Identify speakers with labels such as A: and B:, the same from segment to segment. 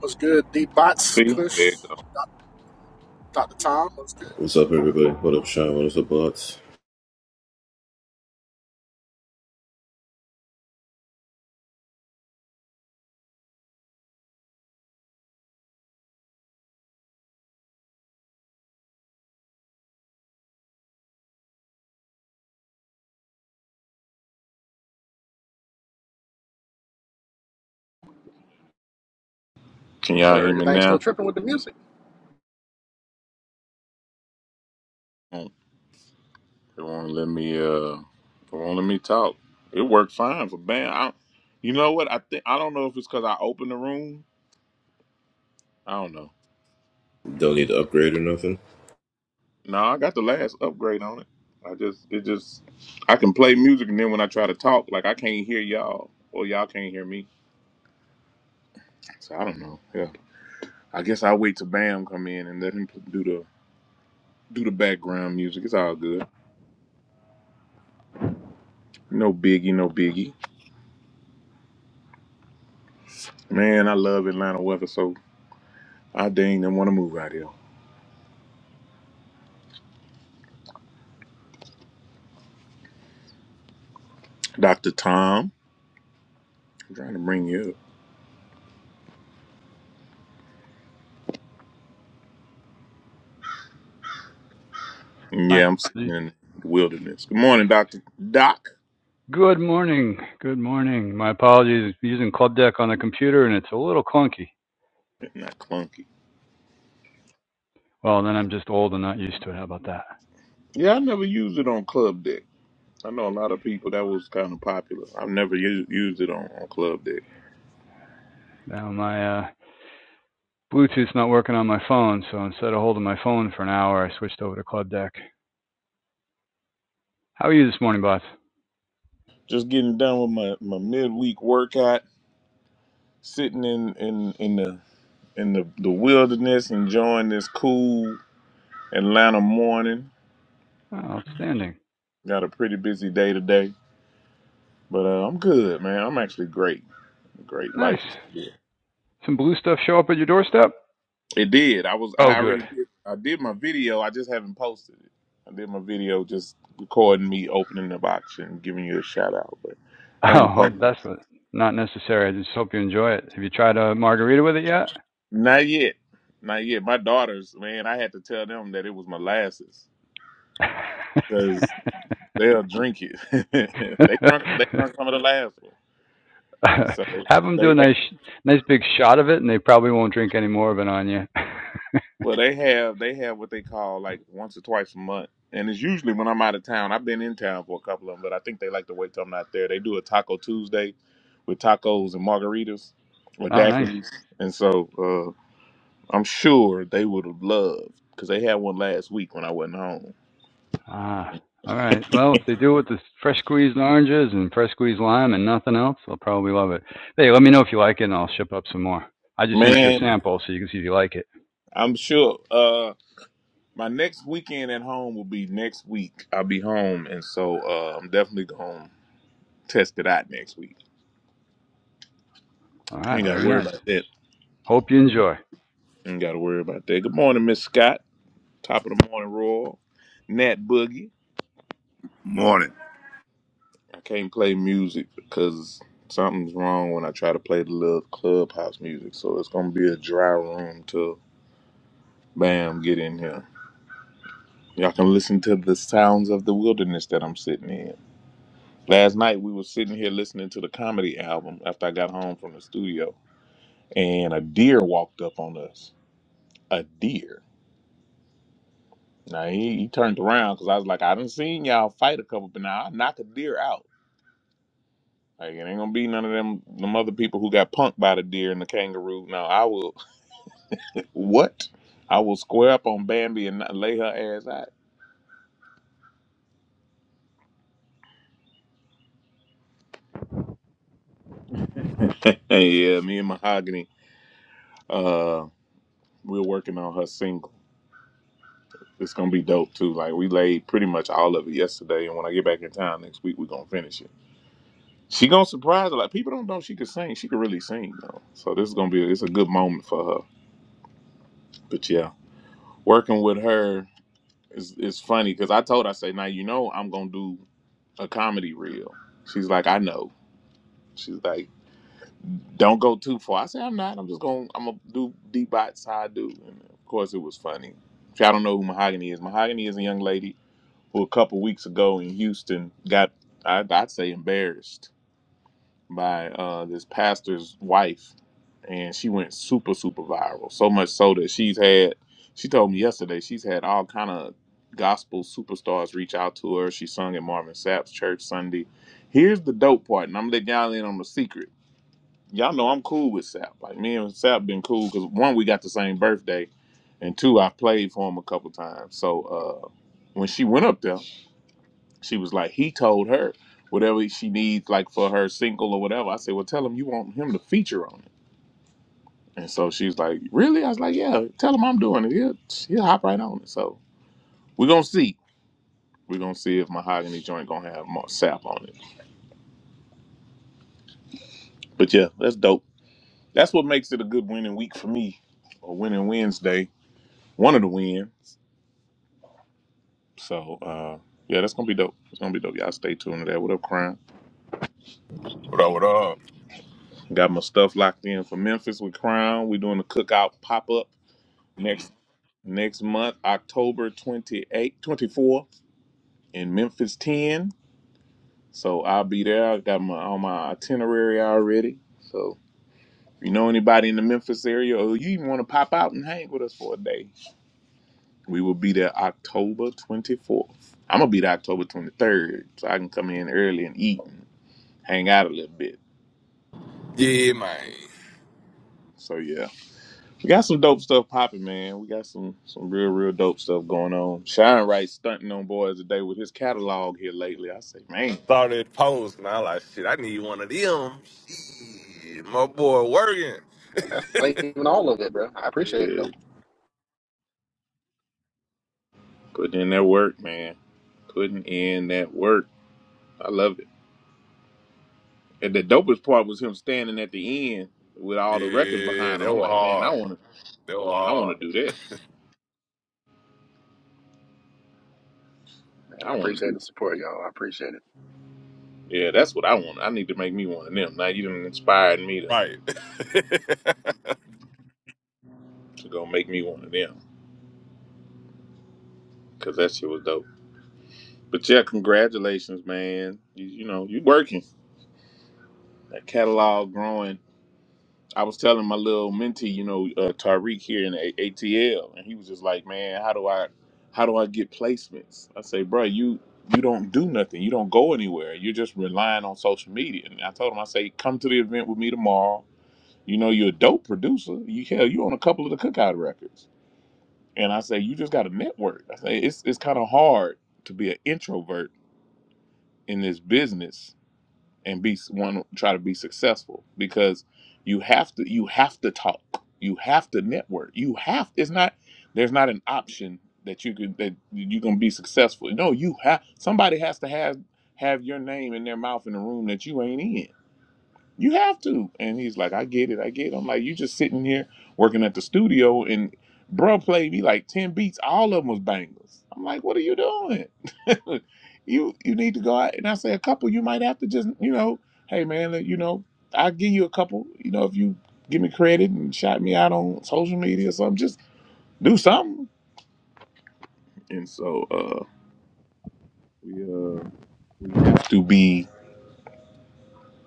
A: What's good, D Bots,
B: See, there
A: Kush,
B: you go.
A: Dr. Tom? What's good?
C: What's up, everybody? What up, Sean? What is up, bots?
B: Can y'all hear
A: Sir, your
B: me
A: thing's still
B: now?
A: tripping with the music.
B: It won't let me. Uh, it won't let me talk. It worked fine for band. I, you know what? I think I don't know if it's because I opened the room. I don't know.
C: Don't need to upgrade or nothing.
B: No, I got the last upgrade on it. I just, it just, I can play music, and then when I try to talk, like I can't hear y'all, or y'all can't hear me. So I don't know. Yeah, I guess I'll wait till Bam come in and let him pl- do the do the background music. It's all good. No biggie, no biggie. Man, I love Atlanta weather so. I dang didn't want to move out here. Dr. Tom, I'm trying to bring you up. yeah, I'm sitting in the wilderness. Good morning, Dr. Doc.
D: Good morning. Good morning. My apologies. Using Club Deck on the computer and it's a little clunky.
B: Not clunky.
D: Well, then I'm just old and not used to it. How about that?
B: Yeah, I never used it on Club Deck. I know a lot of people that was kind of popular. I've never used, used it on, on Club Deck.
D: Now my uh, Bluetooth's not working on my phone, so instead of holding my phone for an hour, I switched over to Club Deck. How are you this morning, boss?
B: Just getting done with my, my midweek workout, sitting in, in, in the in the, the wilderness, enjoying this cool Atlanta morning.
D: Oh, outstanding.
B: Got a pretty busy day today, but uh, I'm good, man. I'm actually great. Great.
D: Nice.
B: Life is good.
D: Some blue stuff show up at your doorstep?
B: It did. I was. I
D: Oh, good.
B: already did. I did my video. I just haven't posted it. I did my video, just recording me opening the box and giving you a shout out, but I ain't
D: Oh, well,
B: posted.
D: that's what, not necessary. I just hope you enjoy it. Have you tried a margarita with it
B: Not yet. Not yet. My daughters, man, I had to tell them that it was molasses because they'll drink it. they drunk. They
D: yet?
B: drunk some of the last one, and so
D: Have them do a
B: they.
D: nice, nice big shot of it, and they probably won't drink any more of it on you.
B: Well, they have they have what they call like once or twice a month, and it's usually when I'm out of town. I've been in town for a couple of them, but I think they like to wait till I'm not there. They do a Taco Tuesday with tacos and margaritas or
D: oh, nice.
B: daiquiris, and so uh, I'm sure they would have loved because they had one last week when I wasn't home.
D: Ah, all right. Well, if they do it with the fresh squeezed oranges and fresh squeezed lime and nothing else, they'll probably love it. Hey, let me know if you like it, and I'll ship up some more. I just sent you a
B: Man,
D: sample so you can see if you like it.
B: I'm sure uh, my next weekend at home will be next week. I'll be home, and so uh, I'm definitely gonna test it out next week.
D: All
B: You
D: right,
B: ain't got to
D: very
B: worry
D: nice.
B: about that.
D: Hope you enjoy.
B: Ain't got to worry about that. Good morning, Miss Scott. Top of the morning, Royal. Nat Boogie.
E: Morning.
B: I can't play music because something's wrong when I try to play the little clubhouse music. So it's gonna be a dry room till bam get in here. Y'all can listen to the sounds of the wilderness that I'm sitting in. Last night we were sitting here listening to the comedy album after I got home from the studio, and a deer walked up on us. A deer. Now he, he turned around because I was like, I done seen y'all fight a couple, but now I knock a deer out. Like it ain't gonna be none of them them other people who got punked by the deer and the kangaroo. No, I will what? I will square up on Bambi and not lay her ass out. yeah, me and Mahogany, uh, we're working on her single. It's gonna be dope too. Like we laid pretty much all of it yesterday, and when I get back in town next week, we're gonna finish it. She gonna surprise her like People don't know she could sing. She could really sing though. So this is gonna be it's a good moment for her. But yeah, working with her. It's it's funny because I told her I say now you know I'm gonna do a comedy reel. She's like I know. She's like don't go too far. I said I'm not. I'm just gonna I'm gonna do deep bites how I do. And of course it was funny. If y'all don't know who Mahogany is, Mahogany is a young lady who a couple weeks ago in Houston got I, I'd say embarrassed by uh, this pastor's wife, and she went super super viral. So much so that she's had. She told me yesterday she's had all kind of gospel superstars reach out to her. She sung at Marvin Sapp's church Sunday. Here's the dope part, and I'm gonna let y'all in on the secret. Y'all know I'm cool with Sapp. Like me and Sapp been cool because one, we got the same birthday, and two, I played for him a couple times. So uh, when she went up there. She was like, he told her whatever she needs, like for her single or whatever. I said, well, tell him you want him to feature on it. And so she was like, really? I was like, yeah, tell him I'm doing it. He'll, he'll hop right on it. So we're going to see. We're going to see if Mahogany Joint going to have more sap on it. But yeah, that's dope. That's what makes it a good winning week for me, or winning Wednesday. One of the win. So, uh, yeah, that's going to be dope. It's going to be dope. Y'all stay tuned to that. What up, Crown?
F: What up, what up?
B: Got my stuff locked in for Memphis with Crown. we doing the cookout pop up. next. next month, October twenty eighth, twenty fourth in Memphis 10. So I'll be there. I got my on my itinerary already. So if you know anybody in the Memphis area or you even want to pop out and hang with us for a day, we will be there October 24th. I'm gonna be there October 23rd, so I can come in early and eat and hang out a little bit.
F: Yeah, man.
B: So yeah. We got some dope stuff popping, man. We got some some real, real dope stuff going on. Shine Wright stunting on boys today with his catalog here lately. I say, man.
F: Saw that post, man. I like, shit, I need one of them. Shit, my boy working.
A: And that's not even all of it, bro. I appreciate it,
B: Yeah,
A: though.
B: putting in that work, man. Putting in that work. I love it. And the dopest part was him standing at the end with all the records
F: Yeah,
B: behind him.
F: that
B: I'm
F: was
B: like, man, I
F: hard.
B: want to,
F: That
B: I want
F: was
B: to do that.
A: Man, I
B: I want to
A: appreciate
B: do.
A: the support, y'all. I appreciate it.
B: Yeah, that's what I want. I need to make me one of them. Now you done inspired me
F: hard.
B: to
F: Right.
B: to go make me one of them because that shit was dope. But yeah, congratulations, man. You, you know, you working that catalog growing. I was telling my little mentee, you know, uh, Tariq here in A- ATL, and he was just like, "Man, how do I, how do I get placements?" I say, "Bro, you you don't do nothing. You don't go anywhere. You're just relying on social media." And I told him, I say, "Come to the event with me tomorrow. You know, you're a dope producer. You hell, you on a couple of the cookout records." And I say, "You just got to network." I say, "It's it's kind of hard to be an introvert in this business." and be one try to be successful because you have to you have to talk you have to network you have it's not there's not an option that you could that you can be successful no you have somebody has to have have your name in their mouth in a room that you ain't in you have to. And he's like, I get it, I get it. I'm like, you just sitting here working at the studio and bruh played me like 10 beats. All of them was bangers. I'm like, what are you doing? you you need to go out. And I say, a couple, you might have to just, you know, hey man, let- you know, I'll give you a couple, you know, if you give me credit and shout me out on social media or something, just do something. And so uh we uh we have to be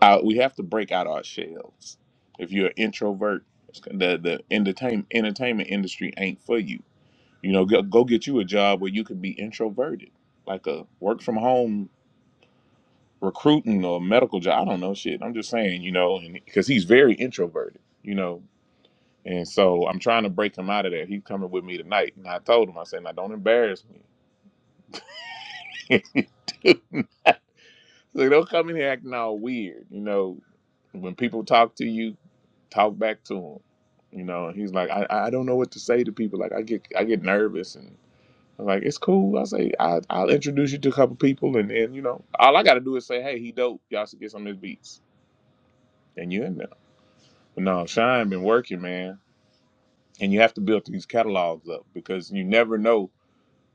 B: Uh, we have to break out our shells. If you're an introvert, the the entertainment entertainment industry ain't for you. You know, go, go get you a job where you can be introverted, like a work from home recruiting or medical job. I don't know shit. I'm just saying, you know, because he's very introverted, you know, and so I'm trying to break him out of there. He's coming with me tonight, and I told him, I said, now don't embarrass me. So don't come in here acting all weird. You know, when people talk to you, talk back to them. You know, and he's like, I, I don't know what to say to people. Like I get I get nervous and I'm like, it's cool. I say I I'll introduce you to a couple people and then you know all I got to do is say, hey, he dope. Y'all should get some of his beats. And you in there. But no, Shine been working, man. And you have to build these catalogs up because you never know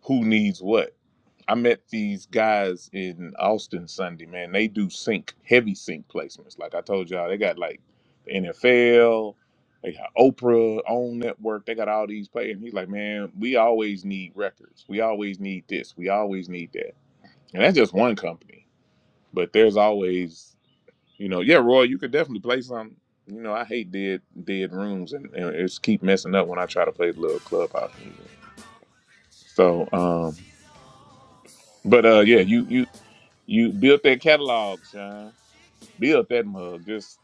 B: who needs what I met these guys in Austin Sunday, man. They do sync, heavy sync placements. Like I told y'all, they got like the NFL, they got Oprah own network, they got all these players. And he's like, man, we always need records. We always need this. We always need that. And that's just one company. But there's always, you know, yeah, Roy, you could definitely play some. You know, I hate dead dead rooms and, and it's keep messing up when I try to play the little clubhouse music. So, um, but uh, yeah, you you. You built that catalog, Sean. Built that mug. Just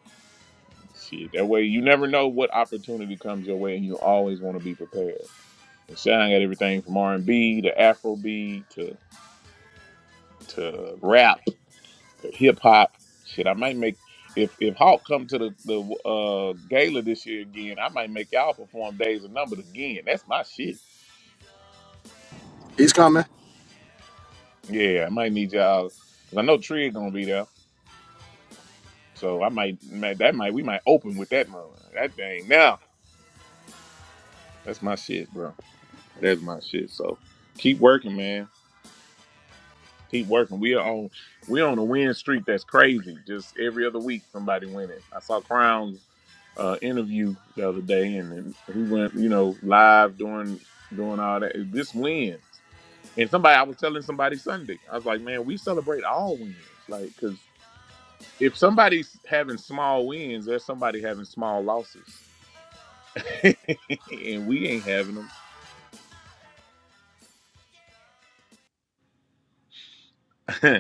B: shit. That way you never know what opportunity comes your way and you always want to be prepared. And Sean got everything from R and B to Afrobeat to to rap to hip hop. Shit, I might make if if Hawk come to the, the uh gala this year again, I might make y'all perform Days of Numbers again. That's my shit.
A: He's coming.
B: Yeah, I might need y'all because I know Tree gonna be there. So I might, might that might we might open with that moment. That thing now. That's my shit, bro. That's my shit. So keep working, man. Keep working. We are on we on a win streak that's crazy. Just every other week somebody winning. I saw Crown's uh, interview the other day and, and he went, you know, live doing doing all that. This wins. And somebody I was telling somebody Sunday. I was like, man, we celebrate all wins. Like cuz if somebody's having small wins, there's somebody having small losses. and we ain't having them.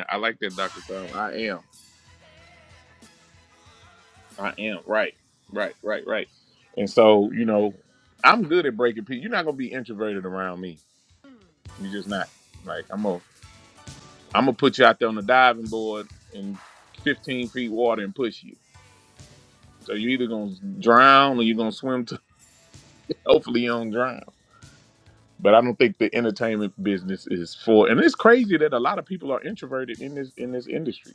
B: I like that Dr. Tom. I am. I am right, right, right, right. And so, you know, I'm good at breaking people. You're not gonna be introverted around me. You're just not. Like I'm gonna, I'm gonna put you out there on the diving board in 15 feet water and push you. So you're either gonna drown or you're gonna swim to. Hopefully you don't drown. But I don't think the entertainment business is for. And it's crazy that a lot of people are introverted in this in this industry.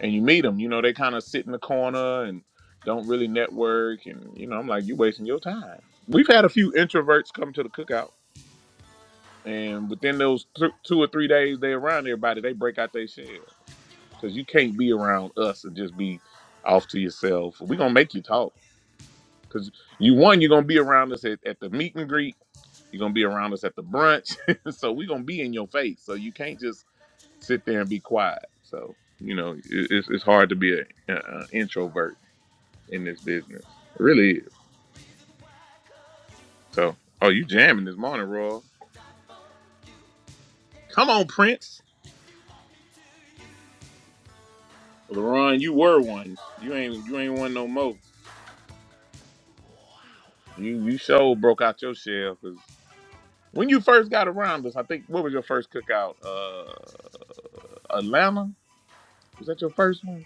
B: and you meet them, you know, they kind of sit in the corner and don't really network. And, you know, I'm like, you wasting your time. We've had a few introverts come to the cookout, and within those th- two or three days they're around everybody, they break out their shell. Because you can't be around us and just be off to yourself. We're going to make you talk. Because you, one, you're going to be around us at, at the meet and greet, you're going to be around us at the brunch. so we're going to be in your face. So you can't just sit there and be quiet. So, you know, it, it's, it's hard to be an introvert. in this business. It really is. So, oh, you jamming this morning, Raw. Come on, Prince. LaRon, you were one. You ain't you ain't one no more. You you sure broke out your shell because when you first got around us, I think what was your first cookout? Uh Atlanta? Was that your first one?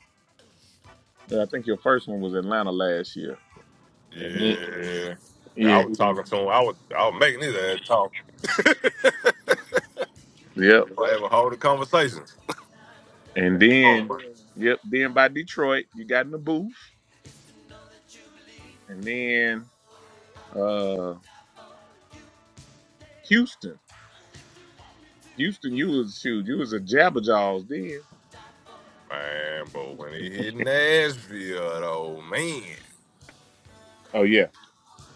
B: Yeah, I think your first one was Atlanta last year. And then
F: yeah. I
B: Yeah.
F: was talking to him. I was I was making his ass talk. I
B: Yep.
F: was having whole conversation.
B: And then yep, then by Detroit, you got in the booth. And then uh Houston. Houston, you was shoot, you was a jabberjaws then.
F: Man, but when he hit Nashville, though, man.
B: Oh yeah,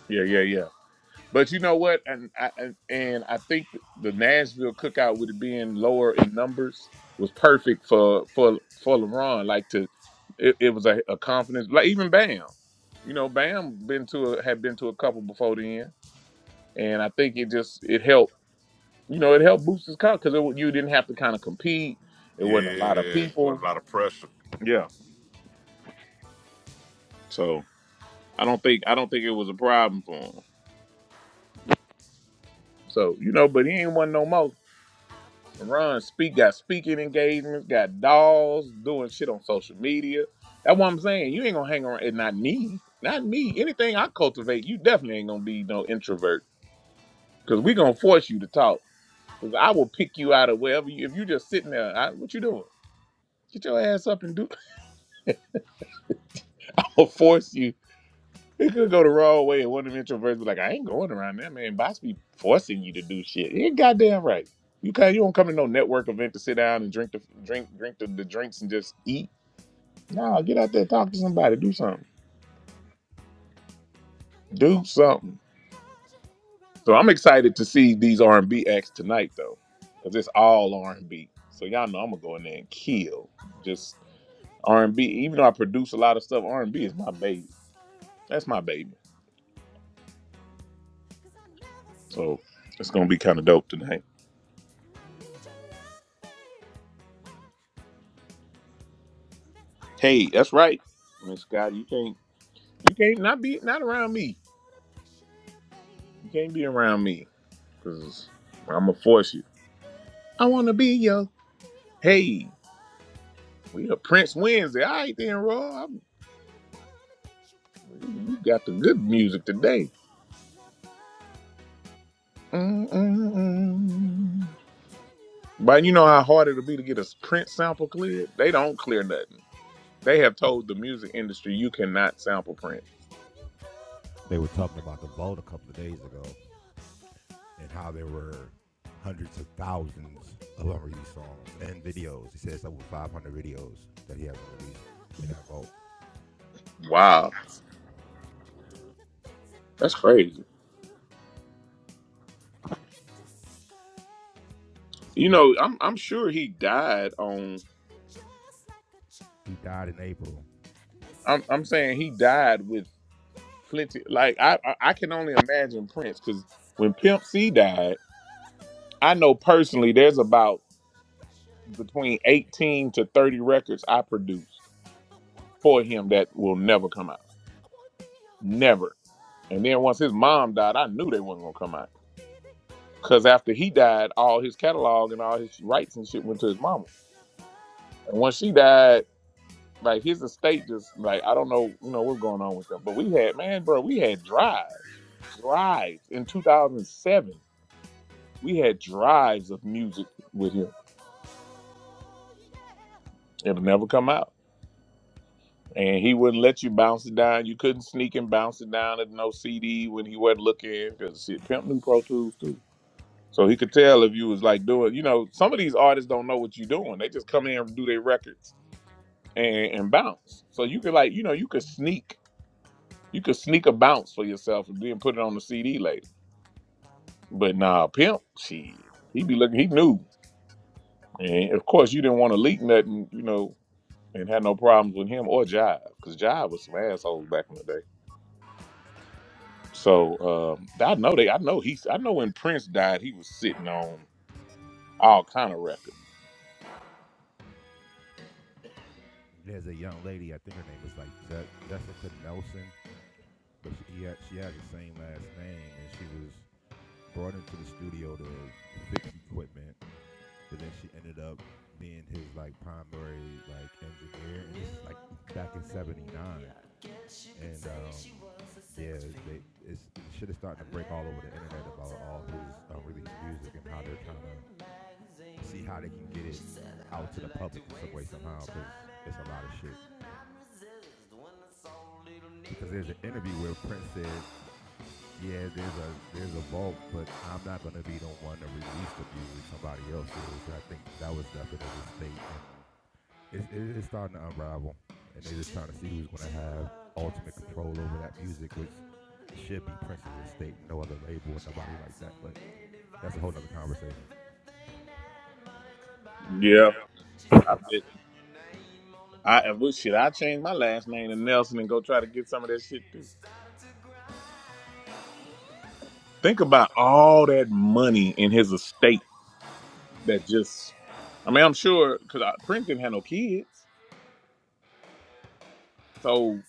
B: yeah, yeah, yeah. But you know what? And I and, and I think the Nashville cookout with it being lower in numbers was perfect for for for LeBron. Like to, it, it was a, a confidence. Like even Bam, you know, Bam been to a, had been to a couple before then, and I think it just it helped. You know, it helped boost his count because you didn't have to kind of compete. It wasn't a lot of
F: Yeah, was
B: people.
F: a lot of pressure.
B: Yeah. So I don't think I don't think it was a problem for him. So, you know, but he ain't one no more. Run, speak, got speaking engagements, got dolls, doing shit on social media. That's what I'm saying. You ain't gonna hang around and not me. Not me. Anything I cultivate, you definitely ain't gonna be no introvert. Cause we gonna force you to talk. Cause I will pick you out of wherever you if you just sitting there, I, what you doing? Get your ass up and do I'll force you. It could go the wrong way, and one of them introverts be like, "I ain't going around there, man. Boss be forcing you to do shit. You ain't goddamn right. You can you don't come to no network event to sit down and drink the drink drink the, the drinks and just eat. No, get out there, talk to somebody, do something, do something. So I'm excited to see these R and B acts tonight though, because it's all R and B. So y'all know I'm gonna go in there and kill just R and B. Even though I produce a lot of stuff, R and B is my baby. That's my baby. So it's gonna be kind of dope tonight. Hey, that's right, Miss Scott. You can't you can't not be not around me. You can't be around me because I'm gonna force you. I want to be your Hey, we a Prince Wednesday. All right then, Roy. I'm, you got the good music today. Mm-mm-mm. But you know how hard it'll be to get a Prince sample cleared. They don't clear nothing. They have told the music industry you cannot sample Prince.
E: talking about the vote a couple of days how there were hundreds of thousands of unreleased songs and videos. He says over 500 videos that he has unreleased.
B: Wow, that's crazy.
E: this
B: You
E: young
B: know, I'm I'm sure he died on.
E: died in April.
B: I'm I'm saying he died with plenty. Like I I I can only imagine Prince because when Pimp C died, I know personally there's about between 18 to 30 records I produced for him that will never come out, never. And then once his mom died, I knew they wasn't gonna come out because after he died, all his catalog and all his rights and shit went to his mama. And once she died. Like his estate just like I don't know, you know what's going on with them. But we had man, bro, we had drives, drives in 2007. We had drives of music with him. It'll never come out, and he wouldn't let you bounce it down. You couldn't sneak and bounce it down at no CD when he wasn't looking because shit, Pimp knew Pro Tools too. So he could tell if you was like doing, you know, some of these artists don't know what you're doing. They just come in and do their records and, and bounce. So you could like, you know, you could sneak You could sneak a bounce for yourself and then put it on the CD later. But nah, pimp, shit, he be looking. He knew, and of course you didn't want to leak nothing, you know, and had no problems with him or Jive, because Jive was some assholes back in the day. So um, I know they. I know he's. I know when Prince died, he was sitting on all kind of records.
E: There's a young lady, I think her name was like Je- Jessica Nelson, but she, he had, she had the same last name, and she was brought into the studio to fix equipment, but then she ended up being his like primary like engineer, and this is like back in '79, and um, Yeah, they, it's, it shit is starting to break all over the internet about all who's uh, releasing music and how they're trying to see how they can get it out to the public in some way somehow. Because it's a lot of shit. Because there's an interview where Prince said, "Yeah, there's a there's a vault, but I'm not gonna be the one to release the music. Somebody else is." I think that was definitely the state. it's, it's starting to unravel, and they're just trying to see who's gonna have ultimate control over that music, which should be Prince's estate, no other label, nobody like that. But That's a whole other conversation.
B: Yeah,
E: Yeah.
B: I bet. I I wish shit. I change my last name to Nelson and go try to get some of that shit too. Think about all that money in his estate that just I mean, I'm sure because Prince didn't have no kids, so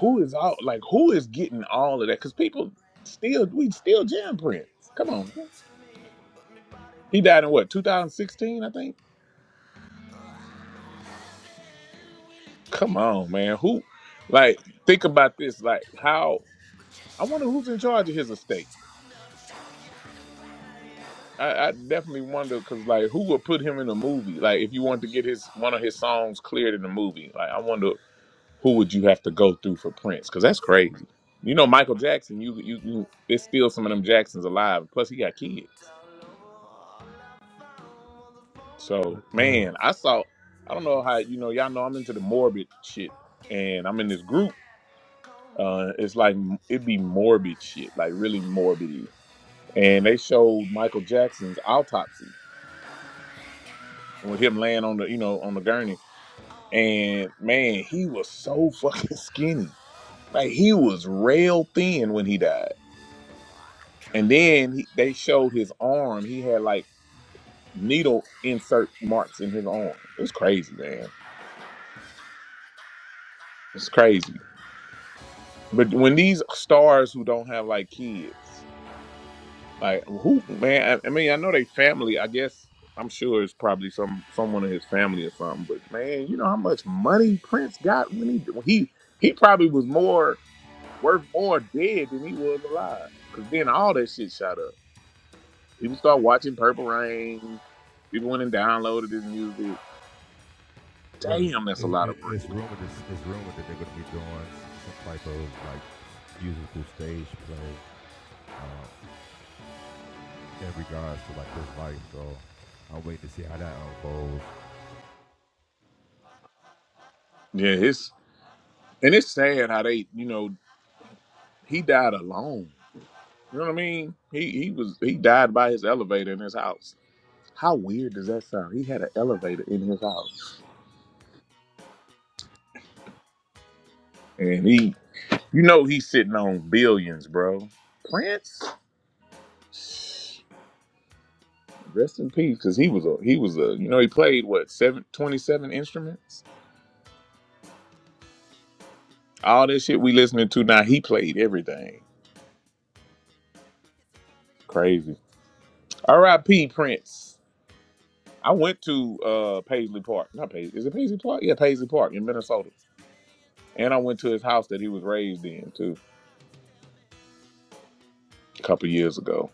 B: who is all like who is getting all of that? Because people still we still jam Prince. Come on, man. he died in what 2016, I think. Come on, man. Who like think about this? Like how I wonder who's in charge of his estate. I, I definitely wonder because like who would put him in a movie? Like if you want to get his one of his songs cleared in a movie, like I wonder who would you have to go through for Prince? Because that's crazy. You know, Michael Jackson. You you, you there's still some of them Jacksons alive. Plus, he got kids. So
E: Well,
B: man, I saw. I don't know how you know. Y'all know I'm into the morbid shit, and I'm in this group. Uh, it's like it'd be morbid shit, like really morbid. And they showed Michael Jackson's autopsy with him laying on the you know on the gurney, and man, he was so fucking skinny. Like he was rail thin when he died And then he, they showed his arm. He had like needle insert marks in his arm. It's crazy, man. It's crazy. But when these stars who don't have like kids, like who, man, I, I mean, I know they family. I guess I'm sure it's probably some someone in his family or something. But man, you know how much money Prince got when he when he he probably was more worth more dead than he was alive. Cause then all that shit shot up. People start watching Purple Rain. People went and downloaded his music
E: well, it's,
B: Damn, that's a lot
E: it,
B: of bread.
E: it's rumored. It's, it's rumored that they're going to be doing some type of like musical stage play in regards to like his life. So I'm waiting to see how that unfolds.
B: Yeah, it's and it's sad how they, you know, he died alone. You know what I mean? He he was he died by his elevator in his house. How weird does that sound? He had an elevator in his house, and he, you know, he's sitting on billions, bro. Prince, rest in peace, because he was a he was a you know he played what seven twenty seven instruments. All this shit we listening to now, he played everything. Crazy. R.I.P. Prince. I went to uh Paisley Park. Not Paisley. Is it Paisley Park? Yeah, Paisley Park in Minnesota. And I went to his house that he was raised in too, a couple years ago.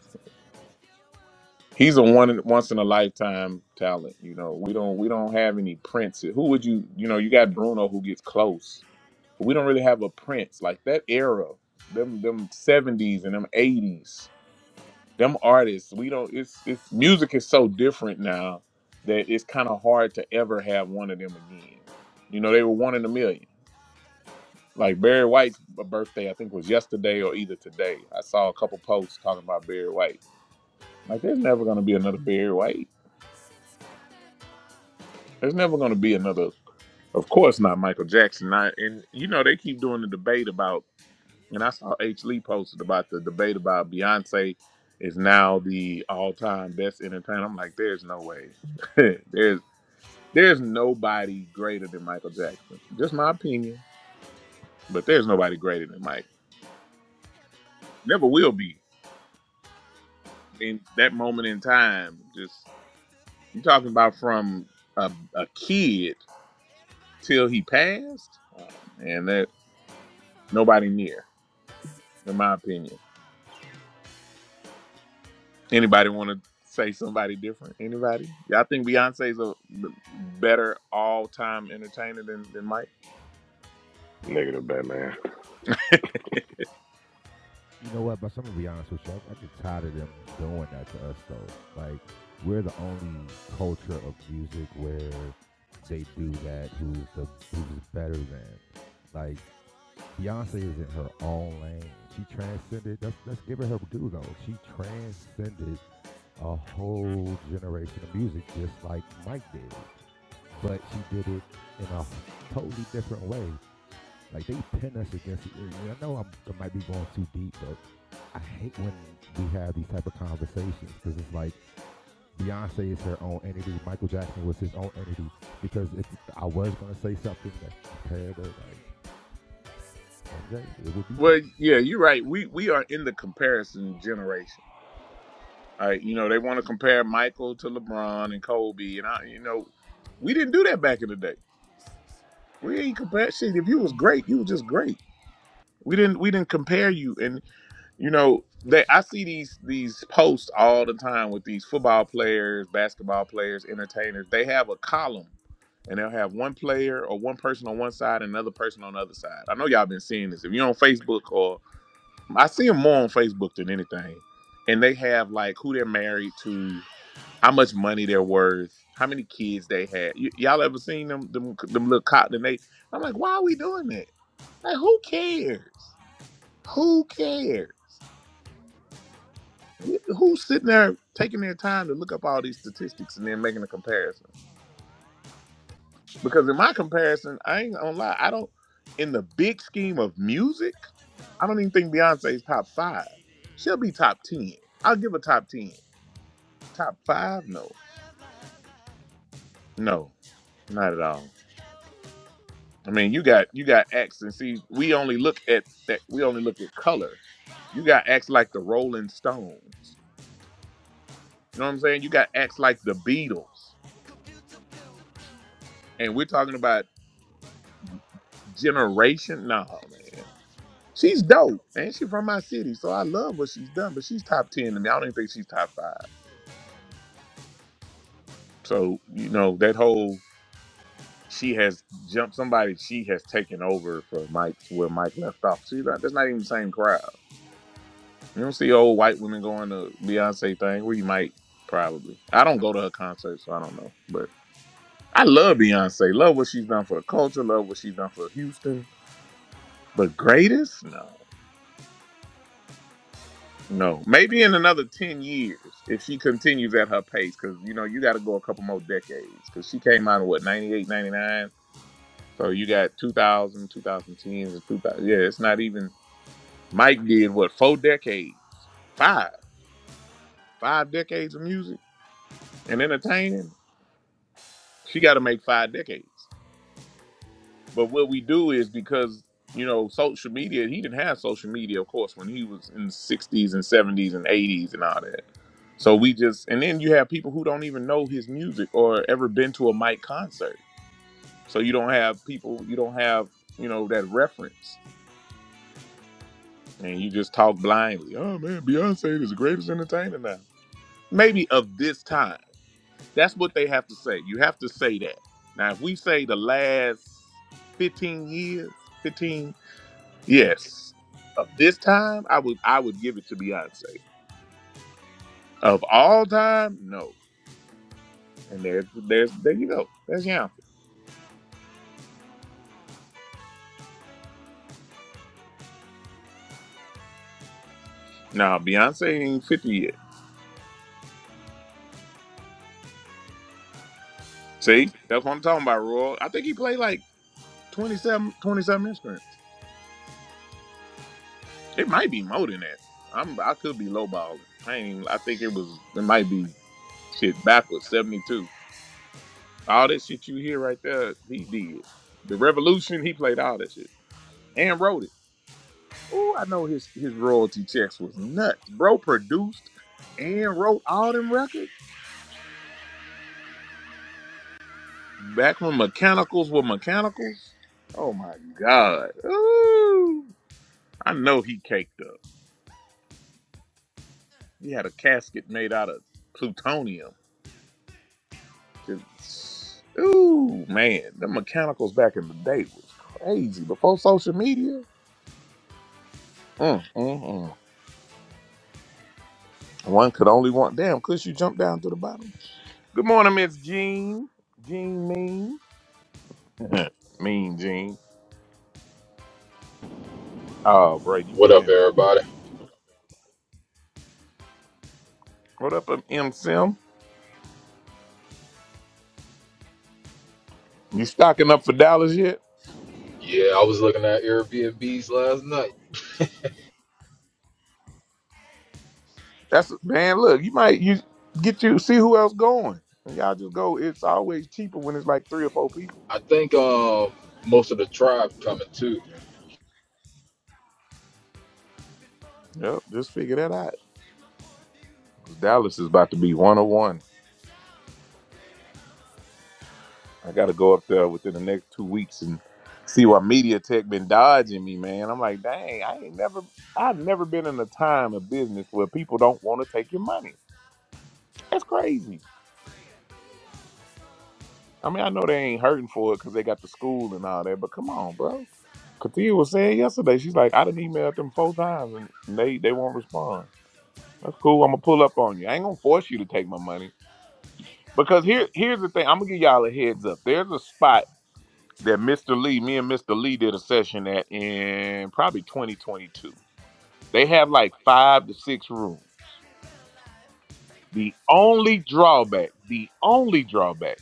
B: He's a one once in a lifetime talent. You know, we don't we don't have any princes. Who would you you know, you got Bruno who gets close. But we don't really have a prince. Like that era, them them seventies and them eighties, them artists, we don't it's it's music is so different now that it's kinda hard to ever have one of them again. You know, they were one in a million. Like Barry White's birthday, I think was yesterday or either today. I saw a couple posts talking about Barry White. Like, there's never gonna be another Barry White. There's never gonna be another. Of course not, Michael Jackson. I, and you know they keep doing the debate about. And I saw H. Lee posted about the debate about Beyonce is now the all-time best entertainer. I'm like, there's no way. there's there's nobody greater than Michael Jackson. Just my opinion, but there's nobody greater than Mike. Never will be. in that moment in time, just you talking about from a, a kid till he passed, uh, and that nobody near, in my opinion. Anybody want to say somebody different? Anybody? Y'all think Beyonce's a better all time entertainer than, than Mike?
F: Negative, Batman.
E: You know what? But I'm gonna be honest with you. I, I get tired of them doing that to us though. Like we're the only culture of music where they do that. Who's the who's better than? Like Beyonce is in her own lane. She transcended. Let's, let's give her her due though. She transcended a whole generation of music, just like Mike did. But she did it in a totally different way. Like they pin us against. it. I know I'm, I might be going too deep, but I hate when we have these type of conversations because it's like Beyonce is her own entity. Michael Jackson was his own entity because if I was gonna say something that compared to like MJ, it would be Prince.
B: Well, yeah, you're right. We we are in the comparison generation. All right, you know they want to compare Michael to LeBron and Kobe, and I, you know, we didn't do that back in the day. We ain't compare shit. If you was great, you was just great. We didn't we didn't compare you, and you know they. I see these these posts all the time with these football players, basketball players, entertainers. They have a column, and they'll have one player or one person on one side and another person on the other side. I know y'all been seeing this. If you're on Facebook or I see them more on Facebook than anything, and they have like who they're married to, how much money they're worth, how many kids they had. Y- y'all ever seen them them them little cotton? And They I'm like, why are we doing that? Like, who cares? Who cares? Who's sitting there taking their time to look up all these statistics and then making a comparison? Because in my comparison, I ain't gonna lie, I don't. In the big scheme of music, I don't even think Beyonce's top five. She'll be top ten. I'll give her top ten. Top five? No, no, not at all. I mean, you got you got acts, and see, we only look at that. We only look at color. You got acts like the Rolling Stones. You know what I'm saying? You got acts like the Beatles. and we're talking about generation. No, man. She's dope. And she's from my city. So I love what she's done, but she's top 10 to me. I don't even think she's top five. So, you know, that whole she has jumped somebody, she has taken over for Mike's where Mike left off. See, that, that's not even the same crowd. You don't see old white women going to Beyonce thing where you might probably. I don't go to her concerts, so I don't know. But I love Beyonce. Love what she's done for the culture, love what she's done for Houston. But greatest? No. No, maybe in another ten years if she continues at her pace, because you know you got to go a couple more decades. Because she came out in what 98, 99, so you got 2000, and 2000. Yeah, it's not even. Mike did what four decades, five, five decades of music and entertaining. She got to make five decades. But what we do is because you know social media. He didn't have social media, of course, when he was in the '60s and '70s and '80s and all that. So we just and then you have people who don't even know his music or ever been to a Mike concert. So you don't have people. You don't have you know that reference, and you just talk blindly. Oh man, Beyonce is the greatest entertainer now. Maybe of this time. That's what they have to say. You have to say that. Now, if we say the last 15 years, 15. Yes. Of this time, I would I would give it to Beyonce. Of all time, no. And there's there's there you go. There's Yonce. Now Beyonce ain't fifty yet. See, that's what I'm talking about, Roy. I think he played like 27 27 instruments. It might be more than that. I'm I could be lowballing. I ain't. Even, I think it was. It might be shit backwards. Seventy two. All that shit you hear right there, he did. The Revolution, he played all that shit and wrote it. Oh, I know his his royalty checks was nuts. Bro produced and wrote all them records back when mechanicals were mechanicals. Oh my god. Ooh. I know he caked up. He had a casket made out of plutonium. 'Cause- Ooh man, the mechanicals back in the day was crazy. Before social media. Mm, mm, mm. One could only want damn. Could you jump down to the bottom? Good morning, Miss Jean. Jean Mean. mean Gene. Oh, bro, you
G: What up,
B: jamming.
G: everybody?
B: What up, um, M Sim? You stocking up for Dallas yet?
G: Yeah, I was looking at Airbnbs last night.
B: That's man. Look, you might you get you see who else going, and y'all just go. It's always cheaper when it's like three or four people.
G: I think um most of the tribe coming too.
B: Yep, just figure that out. 'Cause Dallas is about to be one on one. I got to go up there within the next two weeks and see why Media Tech been dodging me, man. I'm like, dang, I ain't never, I've never been in a time of business where people don't want to take your money. That's crazy. I mean, I know they ain't hurting for it because they got the school and all that, but come on, bro. Katia was saying yesterday, she's like, I done emailed them four times and they they won't respond. That's cool. I'm gonna pull up on you. I ain't gonna force you to take my money because here here's the thing. I'm gonna give y'all a heads up. There's a spot that Mr. Lee, me and Mr. Lee did a session at in probably 2022. They have like five to six rooms. The only drawback, the only drawback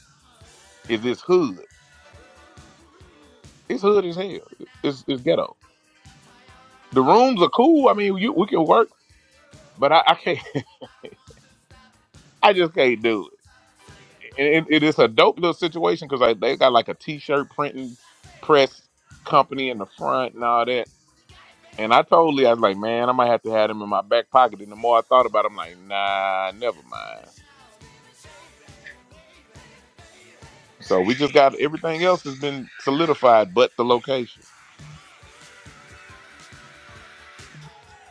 B: is it's hood. It's hood as hell. It's it's ghetto The rooms are cool. I mean, you, we can work, but I, I can't. I just can't do it. And it, it is a dope little situation because they got like a t-shirt printing press company in the front and all that. And I told Lee, I was like, man, I might have to have them in my back pocket. And the more I thought about it, I'm like, nah, never mind. So we just got everything else has been solidified, but the location.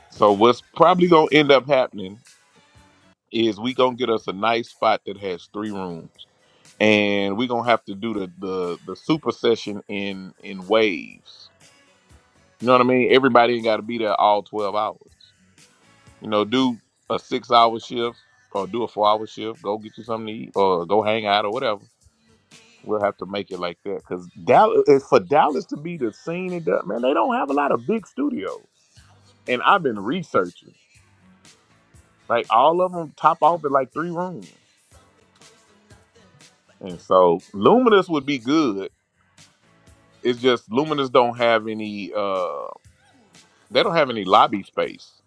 B: So what's probably gonna end up happening is we gonna get us a nice spot that has three rooms. and we're gonna have to do the the the super session in in waves. You know what I mean? Everybody ain't got to be there all twelve hours. You know, do a six hour shift or do a four hour shift. Go get you something to eat or go hang out or whatever. We'll have to make it like that because Dallas for Dallas to be the scene it does, man. They don't have a lot of big studios, and I've been researching. Like all of them top off at like three rooms, and so Luminous would be good. It's just Luminous don't have any. uh They don't have any lobby space.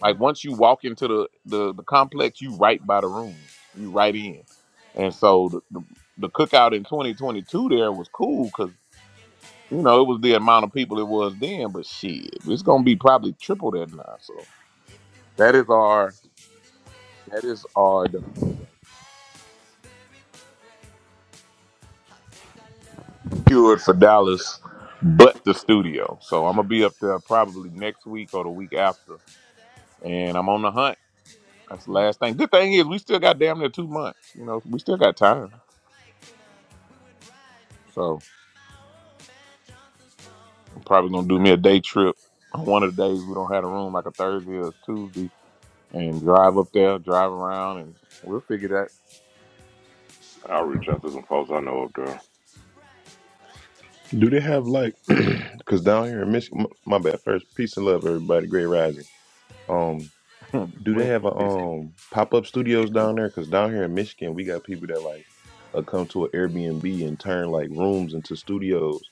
B: Like once you walk into the the, the complex, you right by the rooms. You right in. And so the, the, the cookout in 2022 there was cool because you know it was the amount of people it was then. But shit, it's gonna be probably triple that now. So that is our that is our cured for Dallas, but the studio. So I'm gonna be up there probably next week or the week after, and I'm on the hunt. That's the last thing. Good thing is we still got damn near two months. You know, we still got time. So Probably gonna do me a day trip on one of the days we don't have a room, like a Thursday or Tuesday, and drive up there, drive around, and we'll figure
F: I'll reach out to some folks I know up there.
H: Do they have like, because down here in Michigan, my bad. First, peace and love, everybody. Great rising. Um,
B: that.
H: do
B: we
H: they
B: ain't
H: have
B: gonna
H: a
B: fix it.
H: um pop up studios down there? Because down here in Michigan, we got people that like uh, come to an Airbnb and turn like rooms into studios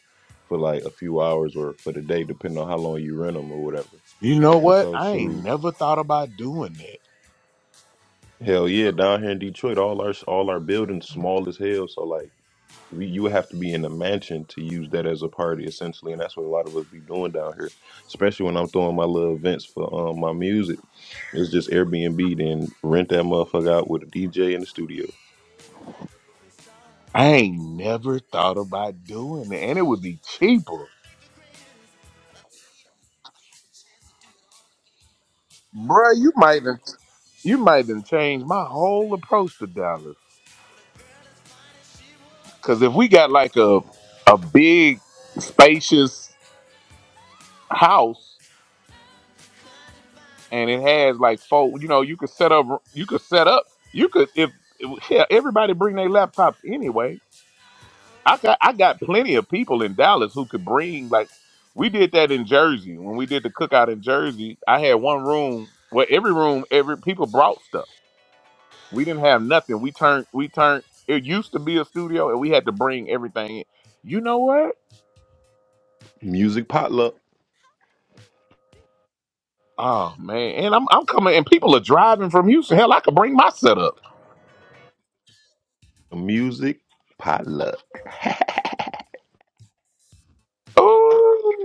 H: for like a few hours or for the day, depending on how long you rent them or whatever.
B: you know
H: And
B: what?
H: so,
B: I ain't
H: shoot,
B: never thought about doing that.
H: hell yeah, down here in Detroit, all our all our buildings small as hell. So like. We- You would have to be in a mansion to use that as a party, essentially, and that's what a lot of us be doing down here. Especially when I'm throwing my little events for um, my music, it's just Airbnb, then rent that motherfucker out with a DJ in the studio.
B: I ain't never thought about doing it, and it would be cheaper, Bruh, You might have, you might have changed my whole approach to Dallas. Cause if we got like a a big spacious house and it has like four. You know, you could set up. You could set up. You could if yeah. Everybody bring their laptops anyway. I got I got plenty of people in Dallas who could bring like we did that in Jersey when we did the cookout in Jersey. I had one room where every room every people brought stuff. We didn't have nothing. We turned we turned. It used to be a studio, and we had to bring everything in. You know what?
H: Music potluck,
B: Oh man, and I'm I'm coming, and people are driving from Houston. Hell, I could bring my setup.
H: music potluck.
B: Oh.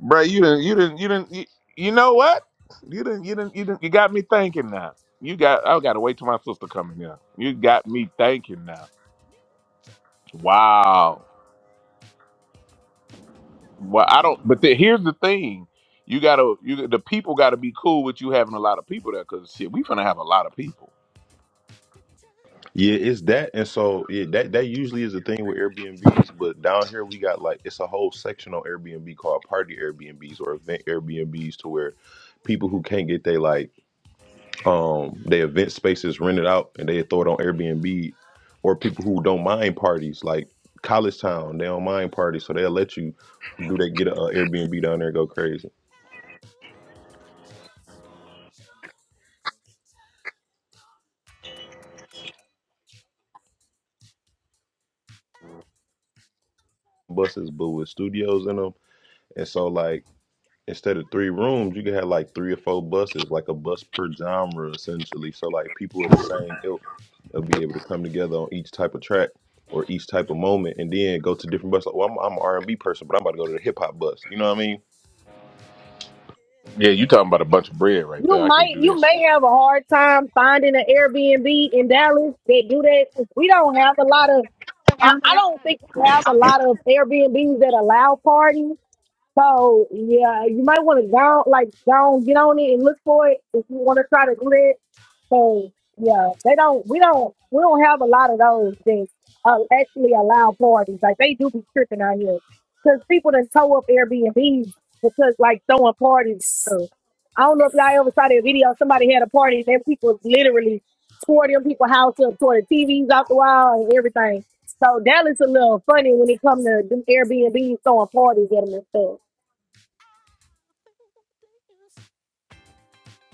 B: bro. You didn't. You didn't. You didn't. You, you know what? You didn't. You didn't. You didn't. You got me thinking now. You got. I got to wait till my sister coming here. You got me thinking now. Wow. Well, I don't. But the, here's the thing. You gotta. You the people gotta be cool with you having a lot of people there, cause shit, we finna have a lot of people.
H: Yeah, it's that, and so yeah, that that usually is the thing with Airbnbs. But down here, we got like it's a whole section on Airbnb called party Airbnbs or event Airbnbs, to where people who can't get they like um they event spaces rented out and they throw it on Airbnb or people who don't mind parties like college town they don't mind parties so they'll let you do they get a, uh Airbnb down there and go crazy buses but with studios in them and so like instead of three rooms you can have like three or four buses like a bus per genre essentially so like people of the same ilk they will be able to come together on each type of track or each type of moment and then go to different buses like well I'm, I'm an R&B person but I'm about to go to the hip hop bus you know what I mean
B: Yeah, you talking about a bunch of bread right there.
I: You
B: I can't
I: might
B: do
I: you
B: that shit.
I: may have a hard time finding an Airbnb in Dallas They do that. We don't have a lot of I, I don't think we have a lot of Airbnbs that allow parties. So yeah, you might want to go like go get on it and look for it if you want to try to do that. So yeah, they don't. We don't. We don't have a lot of those that uh, actually allow parties. Like they do be tripping out here because people that tow up Airbnb because like throwing parties. So, I don't know if y'all ever saw that video. Somebody had a party and then people literally tore them people house up, tore the TVs out the wall and everything. So Dallas a little funny when it comes to them Airbnb throwing parties at them and stuff.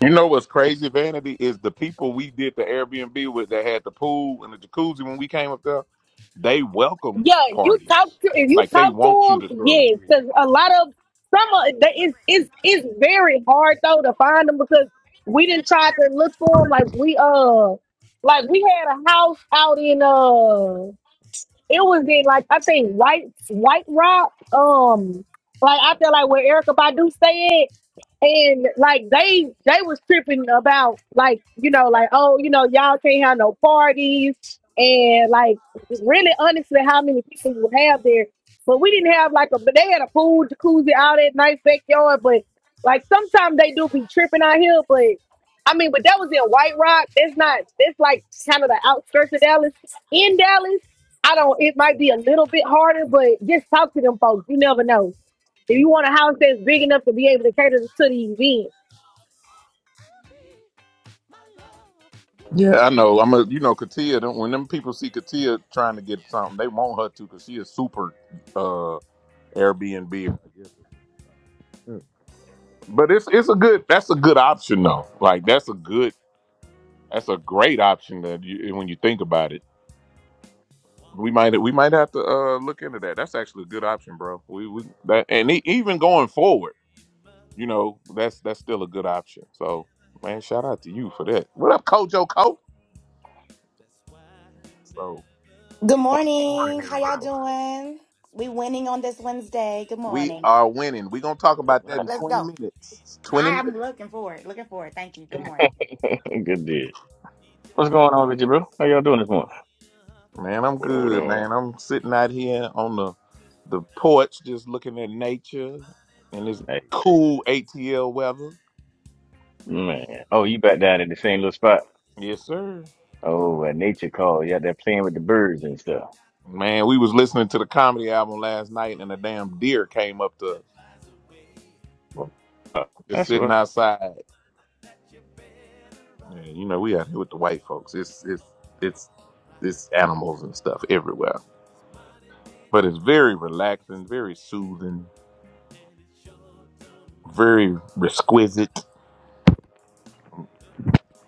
B: You know what's crazy, Vanity, is the people we did the Airbnb with that had the pool and the jacuzzi when we came up there, they welcome
I: Yeah, you talk
B: parties.
I: to if you
B: Like they
I: talk
B: want you
I: to
B: to
I: them,
B: throw.
J: Hey,
I: yes, because a lot of some of that is is is very hard though to find them because we didn't try to look for them. Like we uh, like we had a house out in uh it was in like I think White White Rock. Um, like I feel like where Erica Badu stayed, and like they they was tripping about like you know like oh you know y'all can't have no parties and like really honestly how many people you have there. But we didn't have like a but they had a pool, jacuzzi, all that nice backyard. But like sometimes they do be tripping out here, but. I mean, but that was in White Rock. That's not. That's like kind of the outskirts of Dallas. In Dallas, I don't, it might be a little bit harder, but just talk to them folks. You never know. If you want a house that's big enough to be able to cater to the event.
B: Yeah, I know. I'm a you know, Katia them- when them people see Katia trying to get something, they want her to because she is super uh Airbnb. But it's it's a good that's a good option though. Like that's a good that's a great option that you, when you think about it. We might we might have to uh look into that. That's actually a good option, bro. We we that and e- even going forward, you know, that's that's still a good option. So man, shout out to you for that. What up, Kojo Co? So
K: Good
J: Good morning,
K: morning. How y'all
J: everybody.
K: doing? We winning on this Wednesday. Good
B: we
K: morning.
B: are winning. We're gonna talk about that in
J: Yes,
K: Let's
B: twenty
K: go.
B: minutes. Twenty
K: I
B: minutes.
K: am looking forward. Looking forward. Thank you. Good morning.
J: sir. Good deal. What's going on with you, bro? How y'all doing this morning?
B: Man, I'm
F: What up, what
B: good,
F: up?
B: man. I'm sitting out here on the the porch just looking at nature and this
J: Nice.
B: cool ATL weather.
J: Man. Oh, you back down in the same little spot?
B: Yes, sir.
J: Oh, at nature call. You out there playing with the birds and stuff.
B: Man, we was listening to the comedy album last night and a damn deer came up to us.
J: Wow.
B: Just
J: That's
B: sitting
J: what.
B: outside. Yeah, you know, we out here with the white folks. It's it's it's it's animals and stuff everywhere. But it's very relaxing, very soothing, very exquisite.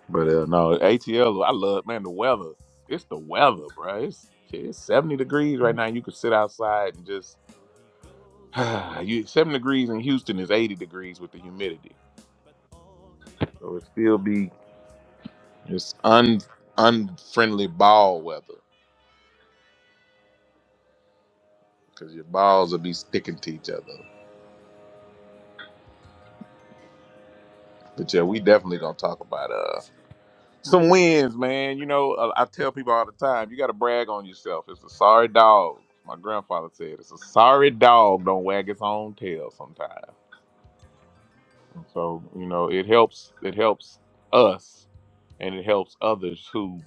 B: But uh, no, ATL, I love man the weather. It's the weather, bro. It's shit, it's seventy degrees right now. You could sit outside and just you seven degrees in Houston is eighty degrees with the humidity. So it still be it's un unfriendly ball weather because your balls will be sticking to each other. But yeah, we definitely gonna talk about uh some wins, man. You know, uh, I tell people all the time, you gotta brag on yourself. It's a sorry dog. My grandfather said, "It's a sorry dog don't wag its own tail sometimes." And so you know, it helps. It helps us, and it helps others who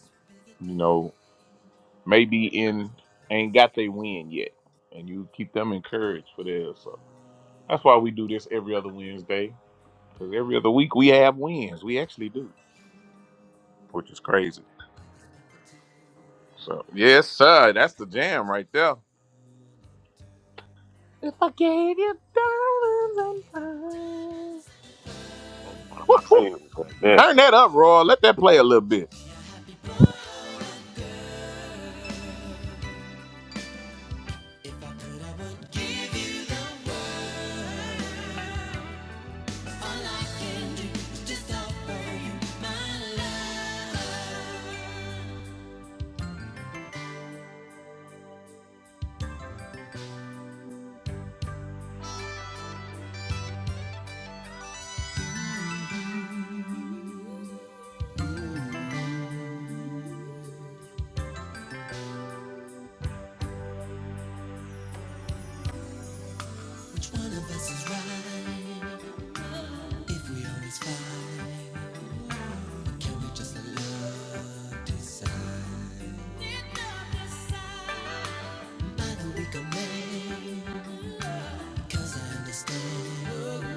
B: you know maybe in ain't got they win yet, and you keep them encouraged for theirs. So that's why we do this every other Wednesday, because every other week we have wins. We actually do, which is crazy. So yes, sir. That's the jam right there. If I gave you diamonds and pearls.
J: That's one of my favorites right there.
B: Turn that up, Roy. Let that play a little bit.
E: Which one of us is right? If we always fight, can we just let love decide? Am I the weaker man? Cause I understand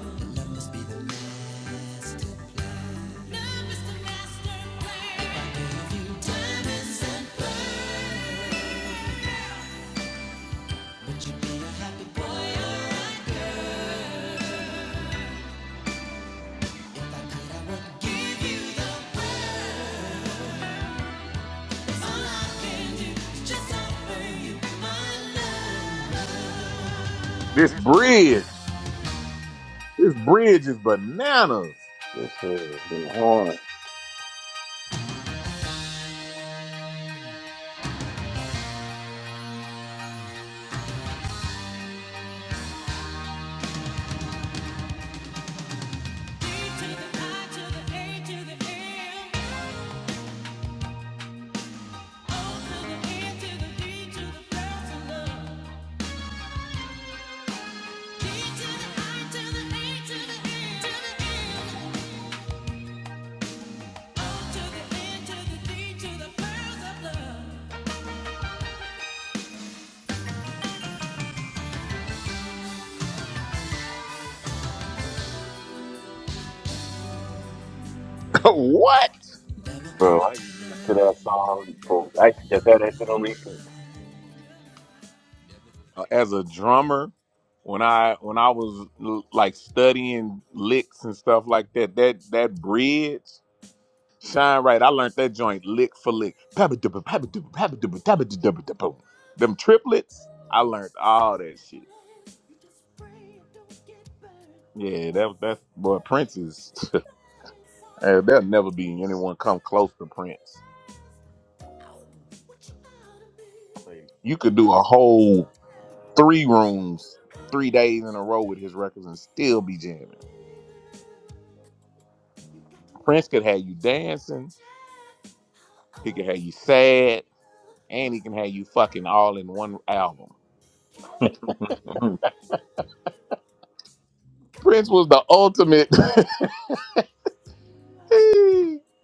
E: that love must be the master plan. Love is the master plan. If I gave you diamonds and pearls, would you be a happy boy?
B: This bridge. This bridge is bananas.
J: Yes, sir. Them horns.
E: I To the A, to the M, to the E, to the D, to the girls in love. D to the I, to the A, to the E, to the M. To the N, to the D, to the pearls of love.
B: what?
E: Love will
J: Bro,
E: come
J: I
E: to
J: used to listen to that song. For, I used to just have that shit on repeat.
B: Uh, As a drummer, when I when I was l- like studying licks and stuff like that, that that bridge, shine right. I learned that joint lick for lick. Pabba-dubba, pabba-dubba, pabba-dubba, dabba-dubba-dubba-dubba. Them triplets, I learned all that shit. Yeah, that that's boy Prince is. eh, there'll never be
J: Beast.
B: anyone come close to Prince.
J: things.
B: You could do a whole three rooms, three days in a row with his records and still be jamming. Prince could have you dancing. He could have you sad, and he can have you fucking all in one album. Prince was the ultimate.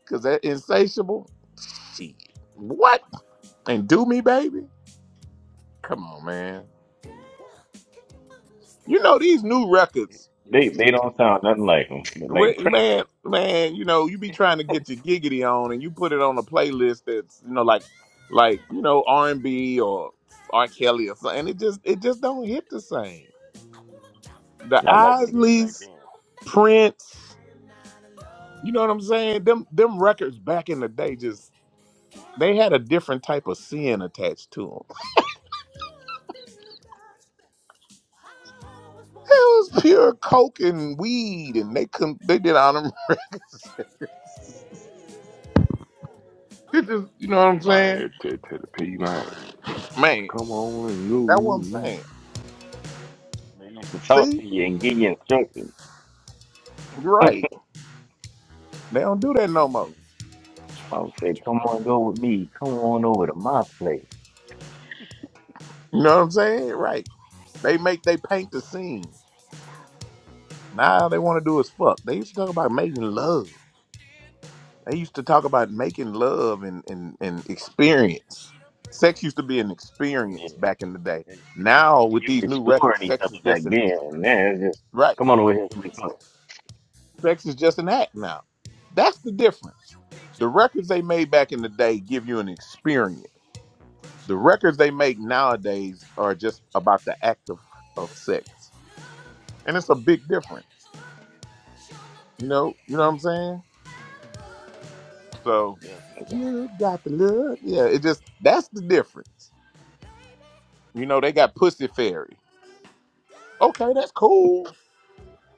B: Cause that insatiable. Shit. What? And do me, baby. Come on, man. You know these new records.
J: they they don't sound nothing like them. Like
B: Wait,
J: Prince.
B: man, man, you know, you be trying to get your giggity on, and you put it on a playlist that's, you know, like, like you know, R and B or R Kelly or something. it just, it just don't hit the same. The
J: Not like they did back
B: Isleys,
J: then.
B: Prince, you know what I'm saying? Them, them records back in the day, just they had a different type of sin attached to them. It was pure coke and weed, and they couldn't, they did on them. It just, you know what I'm
F: Man,
B: saying?
F: it to, to the P, man.
B: Man,
F: Come on and
B: that's what I'm saying.
F: go.
J: They used to talk
B: See,
J: to you and give you instructions.
B: you're
J: Mm.
B: right. They don't do that no more.
J: I would say, come on, go with me. Come on over to my place.
B: You know what I'm saying? Right. They make they paint the scene. Now all they want to do is fuck. They used to talk about making love. They used to talk about making love and, and, and experience. Sex used to be an
J: Yeah.
B: experience back in the day.
J: It's, you
B: Now with these new records,
J: exploring each
B: sex
J: other
B: is
J: back
B: just an
J: then. And now it's just,
B: right.
J: come on over here. Let me talk.
B: Sex is just an act now. That's the difference. The records they made back in the day give you an experience. The records they make nowadays are just about the act of, of sex. And it's a big difference. You know, you know what I'm saying? So
J: Yes, nigga.
B: you got the look. Yeah, it just that's the difference. You know, they got Pussy Fairy. Okay, that's cool.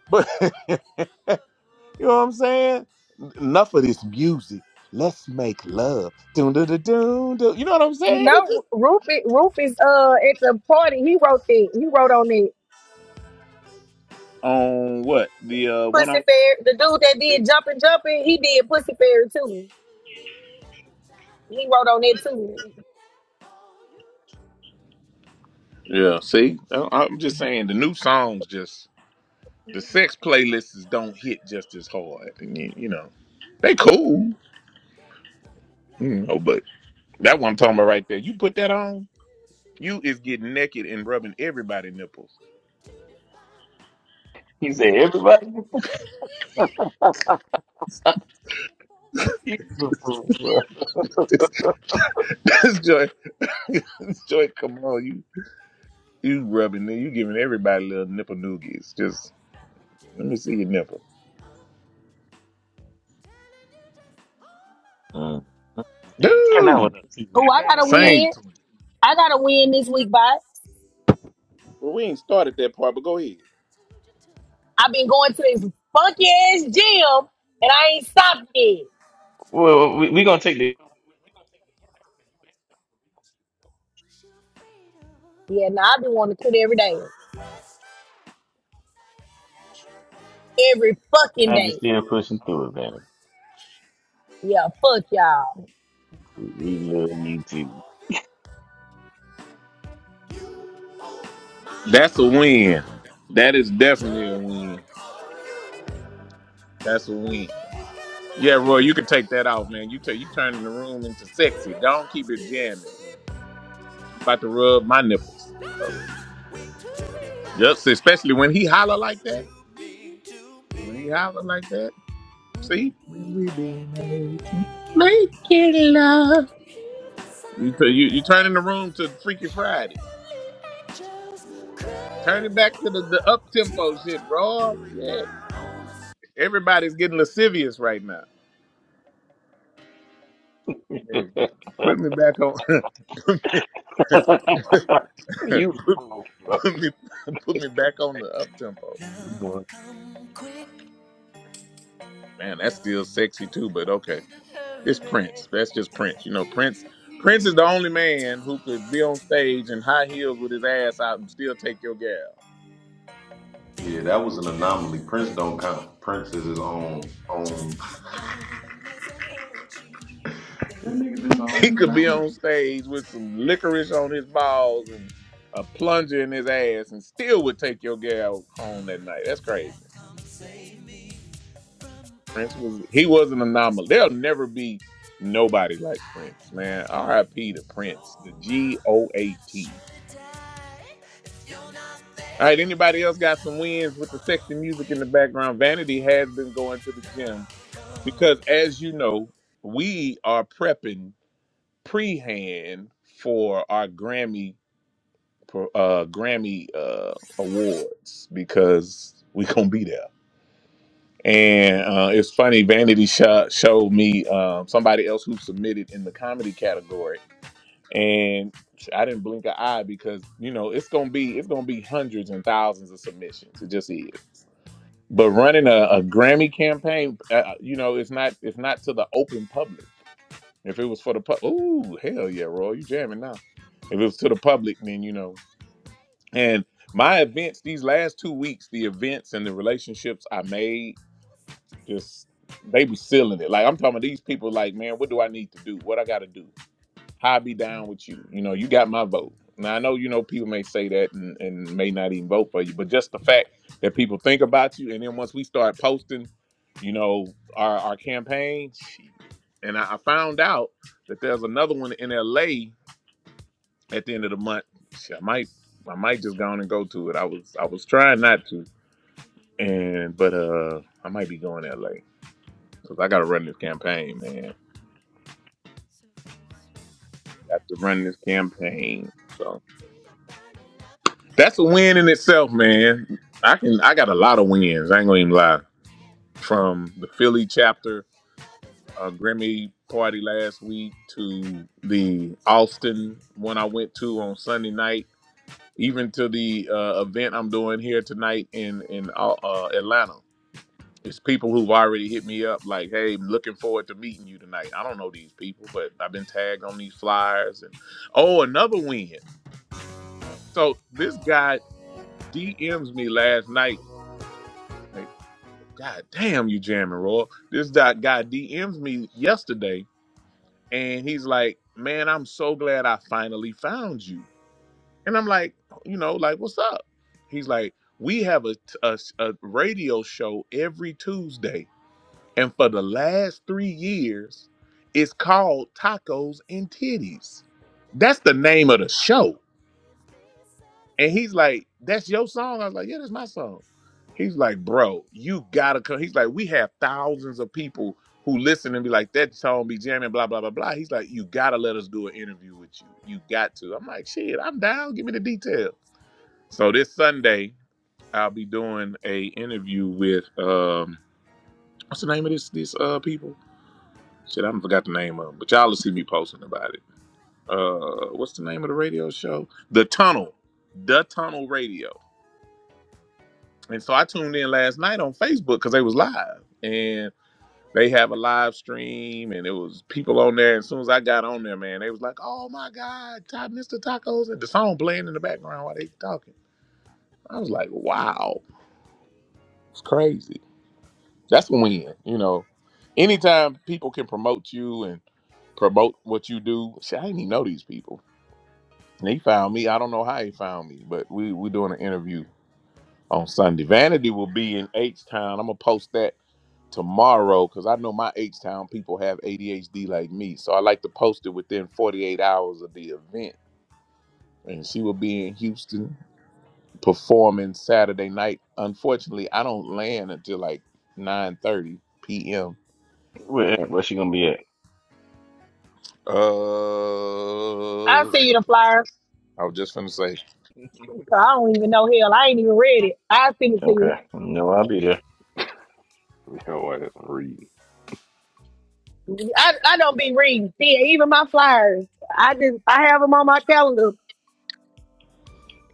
B: But you know what I'm saying? Enough of this music. Let's make love. Doom doo doo doom doo. You know what I'm
I: You
B: saying? It just
I: know, Rufus, Rufus, uh, at the party, he wrote that. He wrote on it.
B: on what? The uh one
I: Pussy
B: I
I: Fairy, the dude that
B: see.
I: did Jumpin' Jumpin', he did Pussy Fairy too. He wrote on it too.
B: Yeah, see? I- I'm just saying the new songs just the sex playlists don't hit just as hard. And you you know, they cool. You know, but That one I'm talking about right there. You put that on, you is getting naked and rubbing everybody nipples.
J: He said, everybody get the He's a fool, bro.
B: That's joy. joy, come on, you you rubbing you giving everybody little nipple noogies. Just let me see your nipple.
J: Mm. Hey, turn that
B: Dude,
J: one up too, man.
I: Oh, I
J: Turn that
I: gotta
J: one up.
I: win.
B: Saints.
I: I gotta win this week, bye.
B: Well, we ain't started that part, but go ahead.
I: I've been going to this funky ass gym and I ain't stopped yet.
J: Well, we we gonna take the
I: Yeah, now I've been wanting to quit every day. Every fucking
J: I
I: day.
J: just still pushing through it, man.
I: Yeah, fuck y'all.
J: We love you too.
B: That's a win. That is definitely a win. That's a win. Yeah, Roy, you can take that off, man. You take you turning the room into sexy. Don't keep it jamming. I'm about to rub my nipples. So, yep, especially when he holler like that. When he holler like that, see, when we be making making love. You t- you you turning the room to Freaky Friday. Turn it back to the, the up tempo shit, raw shit. Everybody's getting lascivious right now. Put me back on. put, me,
J: you fool,
B: put me put me back on the up tempo.
E: love,
J: bro.
E: come quick.
B: Man, that's still
E: Love
B: sexy too,
E: come
B: but okay.
E: in a
B: It's
E: hurry.
B: Prince. That's just Prince. You know,
E: They
B: Prince. Prince is the only man who could be on stage in high heels with his ass out and still take your gal.
H: Yeah, that
E: don't
H: was an
E: care
H: anomaly. Prince
E: where they
H: don't
E: kick,
H: count. Prince is his own
E: just
H: own.
E: as long as they hurt you.
H: that nigga's his
B: He
H: own
B: could be
H: genre.
B: on stage with some licorice on his balls and a plunger in his ass and still would take your gal home that night. That's crazy. Prince was he was an anomaly. There'll never be nobody like Prince, man. R.I.P. to Prince, the G O A T. All right, anybody else got some wins with the sexy music in the background? Vanity has been going to the gym Because as you know, we are prepping pre-hand for our Grammy uh Grammy uh awards because we gonna be there. And uh, it's funny, Vanity Shot showed me um, somebody else who submitted in the comedy category, and I didn't blink an eye because you know it's gonna be it's gonna be hundreds and thousands of submissions. It just is. But running a, a Grammy campaign, uh, you know, it's not it's not to the open public. If it was for the public, ooh, hell yeah, Roy, you jamming now. If it was to the public, then you know. And my events these last two weeks, the events and the relationships I made, just they was sealing it. Like I'm talking about these people, like man, what do I need to do? What I got to do? I'll be down with you. You know, you got my vote. Now I know you know people may say that and, and may not even vote for you, but just the fact that people think about you, and then once we start posting, you know, our our campaign, shit. and I, I found out that there's another one in L.A. at the end of the month. Shit, I might I might just go on and go to it. I was I was trying not to, and but uh I might be going to L.A. because I got to run this campaign, man. Got to run this campaign, so. That's a win in itself, man. I can I got a lot of wins. I ain't gonna even lie. From the Philly chapter uh, Grammy party last week to the Austin one I went to on Sunday night, even to the uh, event I'm doing here tonight in in uh, uh, Atlanta. It's people who've already hit me up like, "Hey, I'm looking forward to meeting you tonight." I don't know these people, but I've been tagged on these flyers and oh, another win. So this guy DMs me last night Right. God damn, you jamming, Roy. This dot guy DMs me yesterday, and he's like, "Man, I'm so glad I finally found you." And I'm like, you know, like, what's up? He's like, "We have a, a a radio show every Tuesday, and for the last three years, it's called Tacos and Titties. That's the name of the show." And he's like, "That's your song." I was like, "Yeah, that's my song." He's like, "Bro, you gotta come." He's like, "We have thousands of people who listen and be like, that song be jamming, blah blah blah blah." He's like, "You gotta let us do an interview with you. You got to." I'm like, "Shit, I'm down. Give me the details." So this Sunday, I'll be doing a interview with um, what's the name of this this uh people? Shit, I have forgot the name of them, but y'all will see me posting about it. Uh, what's the name of the radio show? The Tunnel, The Tunnel Radio And so I tuned in last night on Facebook because they was live and they have a live stream and it was people on there. As soon as I got on there, man, they was like, "Oh my God, Ta- Mr. Tacos!" and the song playing in the background while they talking. I was like, "Wow, it's crazy." That's a win, you know. Anytime people can promote you and promote what you do, see, I didn't even know these people. And he found me. I don't know how he found me, but we we doing an interview on Sunday. Vanity will be in H Town. I'm gonna post that tomorrow because I know my H Town people have ADHD like me. So I like to post it within 48 hours of the event. And she will be in Houston performing Saturday night. Unfortunately, I don't land until like 9:30 p.m.
J: Where, where she gonna be at?
I: I
B: Uh,
I: see
B: I
I: you the flyer.
B: was just finna say,
I: 'cause I don't even know hell. I ain't even read it. I send it to
J: Okay,
I: you.
J: no, I'll be there.
F: Yo, ass and read.
I: I, I don't be reading. Yeah, even my flyers. I just I have them on my calendar.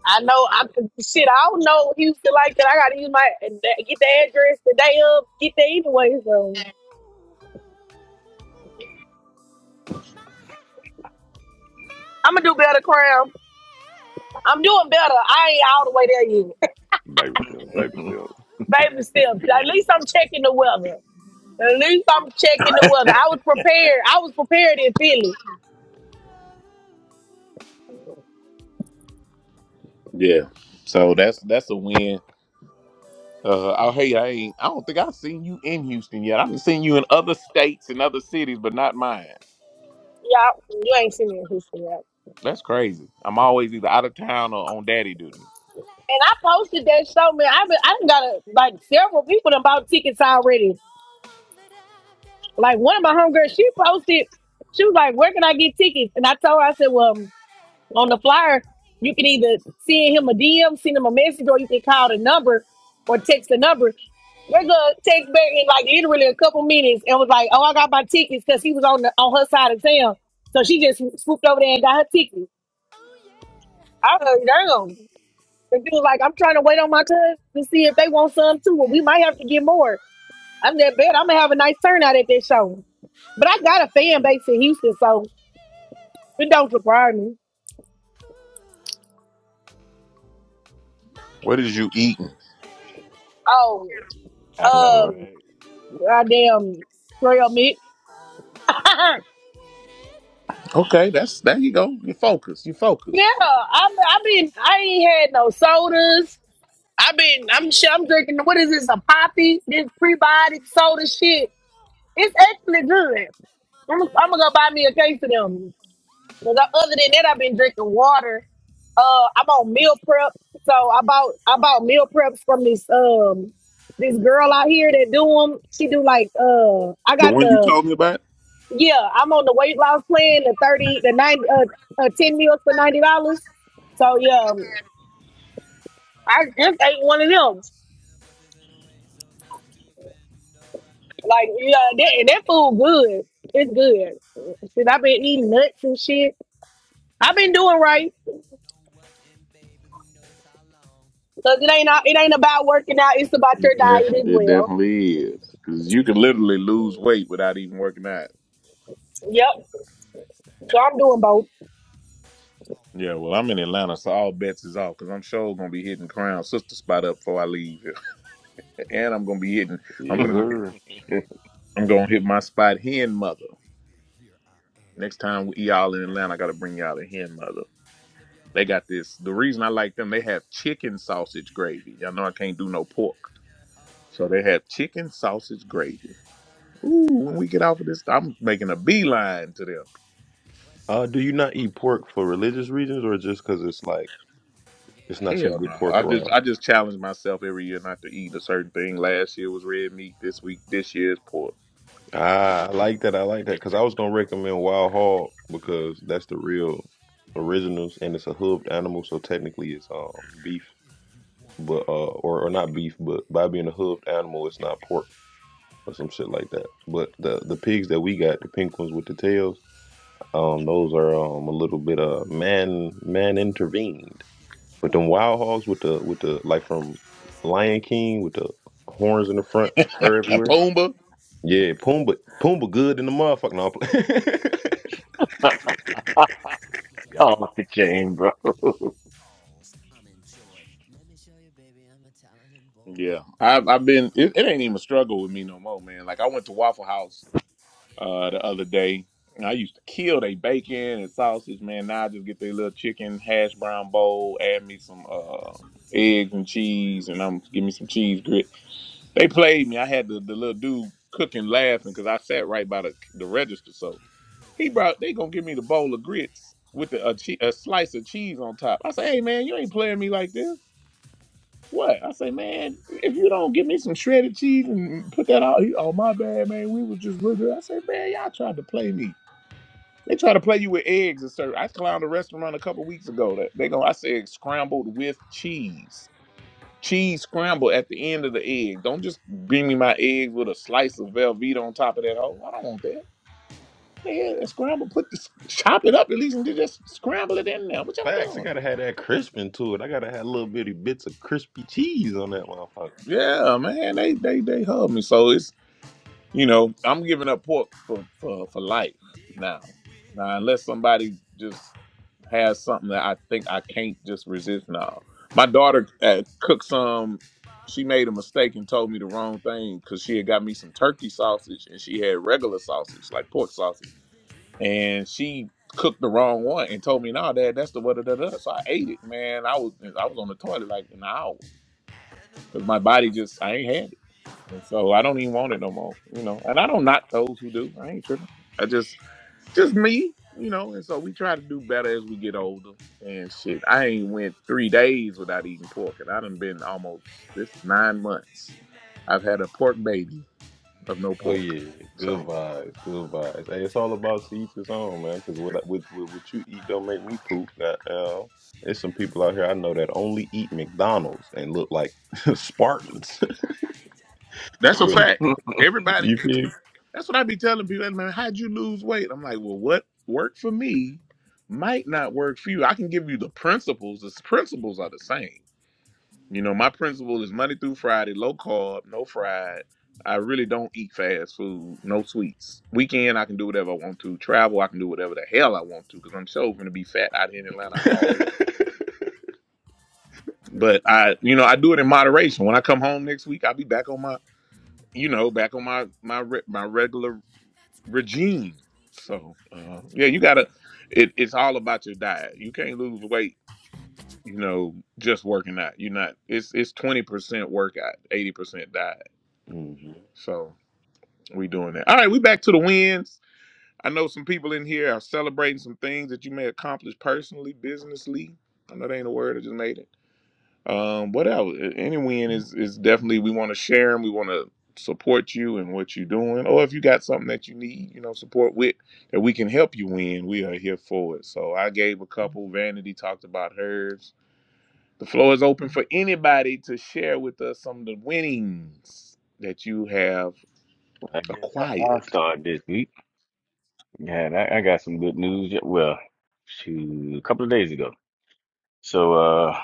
I: I know I shit. I don't know Houston like that. I gotta use my get the address the day of. Get there anyway. So I'm gonna do better, Crown. I'm doing better. I ain't all the way there yet,
F: Baby steps, baby steps.
I: baby. Still,
J: Yeah,
I: at least I'm checking the weather. At least I'm checking the weather. I was prepared. I was prepared in Philly.
B: yeah. So that's that's a win. Uh, oh hey, I ain't. I don't think I've seen you in Houston yet. I've seen you in other states and other cities, but not mine.
I: Yeah, you ain't seen me in Houston yet.
B: That's crazy. I'm always either out of town or on daddy duty.
I: And I posted that show, man. I been, I done got a, like several people done bought tickets already. Like one of my homegirls, she posted, she was like, "Where can I get tickets?" And I told her, I said, "Well, um, on the flyer, you can either send him a DM, send him a message, or you can call the number or text the number." They're gonna text back in like literally a couple minutes and was like, "Oh, I got my tickets because he was on the on her side of town." So she just swooped over there and got her tickets. I was like, "Damn." The dude like, I'm trying to wait on my cousins to see if they want some too. Well, we might have to get more. I'm that bad. I'm gonna have a nice turnout at this show. But I got a fan base in Houston, so it don't surprise me.
B: What is you eating?
I: Oh,
J: I know,
I: um,
J: right?
I: goddamn trail mix.
B: Okay, that's there you go. You focus. You
I: yeah,
B: focus.
I: I'm.
E: Wow,
I: I mean, I ain't had no sodas. I've been. I'm. sh- I'm drinking. What is this? A poppy? This prebiotic soda shit. It's actually good.
E: i
I: I'm, I'm
E: dirty.
I: gonna go buy me a case of them. Cause I, other than that, I've been drinking water. Uh, I'm on meal prep, so I bought I bought meal preps from this um this girl out here that do them. She do like uh I
B: The
I: got
B: one you
I: the
B: told me about?
I: yeah I'm on the weight loss plan the thirty the ninety uh, uh ten meals for ninety dollars. So yeah, um, I just ate one of them. Like yeah, that and that food good. It's good. Shit, I've been eating nuts and shit. I've been doing right. Cause it ain't it ain't about working out. It's about your
B: It
I: diet as
B: definitely it
I: well.
B: definitely is. Cause you can literally lose weight without even working out.
I: Yep. So I'm doing both.
B: Yeah, well I'm in Atlanta, so all bets is off because I'm sure gonna be hitting Crown Sister spot up before I leave here. and I'm gonna be hitting I'm
F: Yes,
B: gonna get-
F: sir.
B: I'm gonna hit my spot hen mother. Next time we y'all in Atlanta, I gotta bring y'all to hen mother. They got this. The reason I like them, they have chicken sausage gravy. Y'all know I can't do no pork. So they have chicken sausage gravy Ooh, when we get off of this, I'm making a beeline to them.
H: Uh, do you not eat pork for religious reasons or just because it's like it's not some
B: Hell
H: good
B: no.
H: pork
B: I just
H: around?
B: I just challenge myself every year not to eat a certain thing. Last year was red meat. This week, this year is pork.
H: Ah, I like that. I like that because I was gonna recommend Wild Hog because that's the real originals and it's a hooved animal, so technically it's um beef, but uh or, or not beef, but by being a hooved animal, it's not pork or some shit like that. But the the pigs that we got, the pink ones with the tails. Um, those are um a little bit uh man man intervened. But them wild hogs with the with the like from Lion King with the horns in the front, fur
B: And
H: everywhere.
B: Pumba.
H: Yeah, Pumbaa Pumbaa good in the motherfucking no, I'm playing.
J: y'all. oh, the chain, bro.
E: I'm enjoying. Let me show you, baby, I'm a talented boy.
B: Yeah, I've I've been. It, it ain't even a struggle with me no more, man. Like I went to Waffle House uh the other day, and I used to kill they bacon and sausage, man. Now I just get their little chicken hash brown bowl, add me some uh eggs and cheese, and I'm give me some cheese grits. They played me. I had the, the little dude cooking, laughing because I sat right by the, the register. So he brought. They gonna give me the bowl of grits with the, a, che- a slice of cheese on top. I say, hey man, you ain't playing me like this. What? I say, man, if you don't give me some shredded cheese and put that out, he, oh my bad, man, we was just real good. I say, man, y'all tried to play me. They try to play you with eggs and stuff. I clowned a restaurant a couple weeks ago that they gonna I said scrambled with cheese cheese scramble at the end of the egg. Don't just bring me my eggs with a slice of Velveeta on top of that hole. I don't want that. Yeah, that scramble, put the chop it up at least and just scramble it in there. What y'all
H: Facts. I
B: doing?
H: gotta have that crispin to it. I gotta have little bitty bits of crispy cheese on that motherfucker.
B: Yeah, man, they they they hug me. So it's You know, I'm giving up pork for for for life now. Now, unless somebody just has something that I think I can't just resist now. My daughter uh, cooked some. She made a mistake and told me the wrong thing because she had got me some turkey sausage and she had regular sausage, like pork sausage, and she cooked the wrong one and told me, "No, nah, Dad, that's the what da da." da." So I ate it, man. I was I was on the toilet like an hour because my body just I ain't had it, and so I don't even want it no more. You know, and I don't knock those who do. I ain't tripping. I just just me, you know. And so we try to do better as we get older. And shit, I ain't went three days without eating pork, and I done been almost this is nine months. I've had a pork baby of no
H: Oh
B: pork,
H: yeah, good
B: so
H: vibes, good vibes. Hey, it's all about to each his own, man. Because what, I- what what what you eat don't make me poop. Goddamn, there's some people out here I know that only eat McDonald's and look like Spartans.
B: that's a
H: Look,
B: fact.
J: I
B: Everybody,
H: you feel?
B: that's what I be telling people. "Hey, Man, how'd you lose weight? I'm like, well, what worked for me might not work for you. I can give you the principles. The principles are the same You know, my principle is Monday through Friday, low carb, no fried. I really don't eat fast food, no sweets. Weekend, I can do whatever I want to. Travel, I can do whatever the hell I want to because I'm so going to be fat out here in Atlanta all week. But I, you know, I do it in moderation. When I come home next week, I'll be back on my, you know, back on my my re- my regular
E: That's right,
B: regime.
E: please meet you.
B: So uh, yeah, you gotta. It, it's all about your diet. You can't lose weight, you know, just working out. You're not. It's it's twenty percent workout, eighty percent diet.
H: hmm
B: So we doing that. All right, we back to the wins. I know some people in here are celebrating some things that you may accomplish personally, businessly. I know that ain't a word. I just made it. Um, what else? A- Any win is is definitely we want to share and we want to support you and what you're doing. Or if you got something that you need, you know, support with that we can help you win. We are here for it. So I gave a couple. Vanity talked about hers. The floor is open for anybody to share with us some of the winnings that you have
J: guess I, I'll
B: acquired.
J: start this week. Yeah, I, I got some good news. Yeah, Well, shoot, a couple of days ago. So, uh,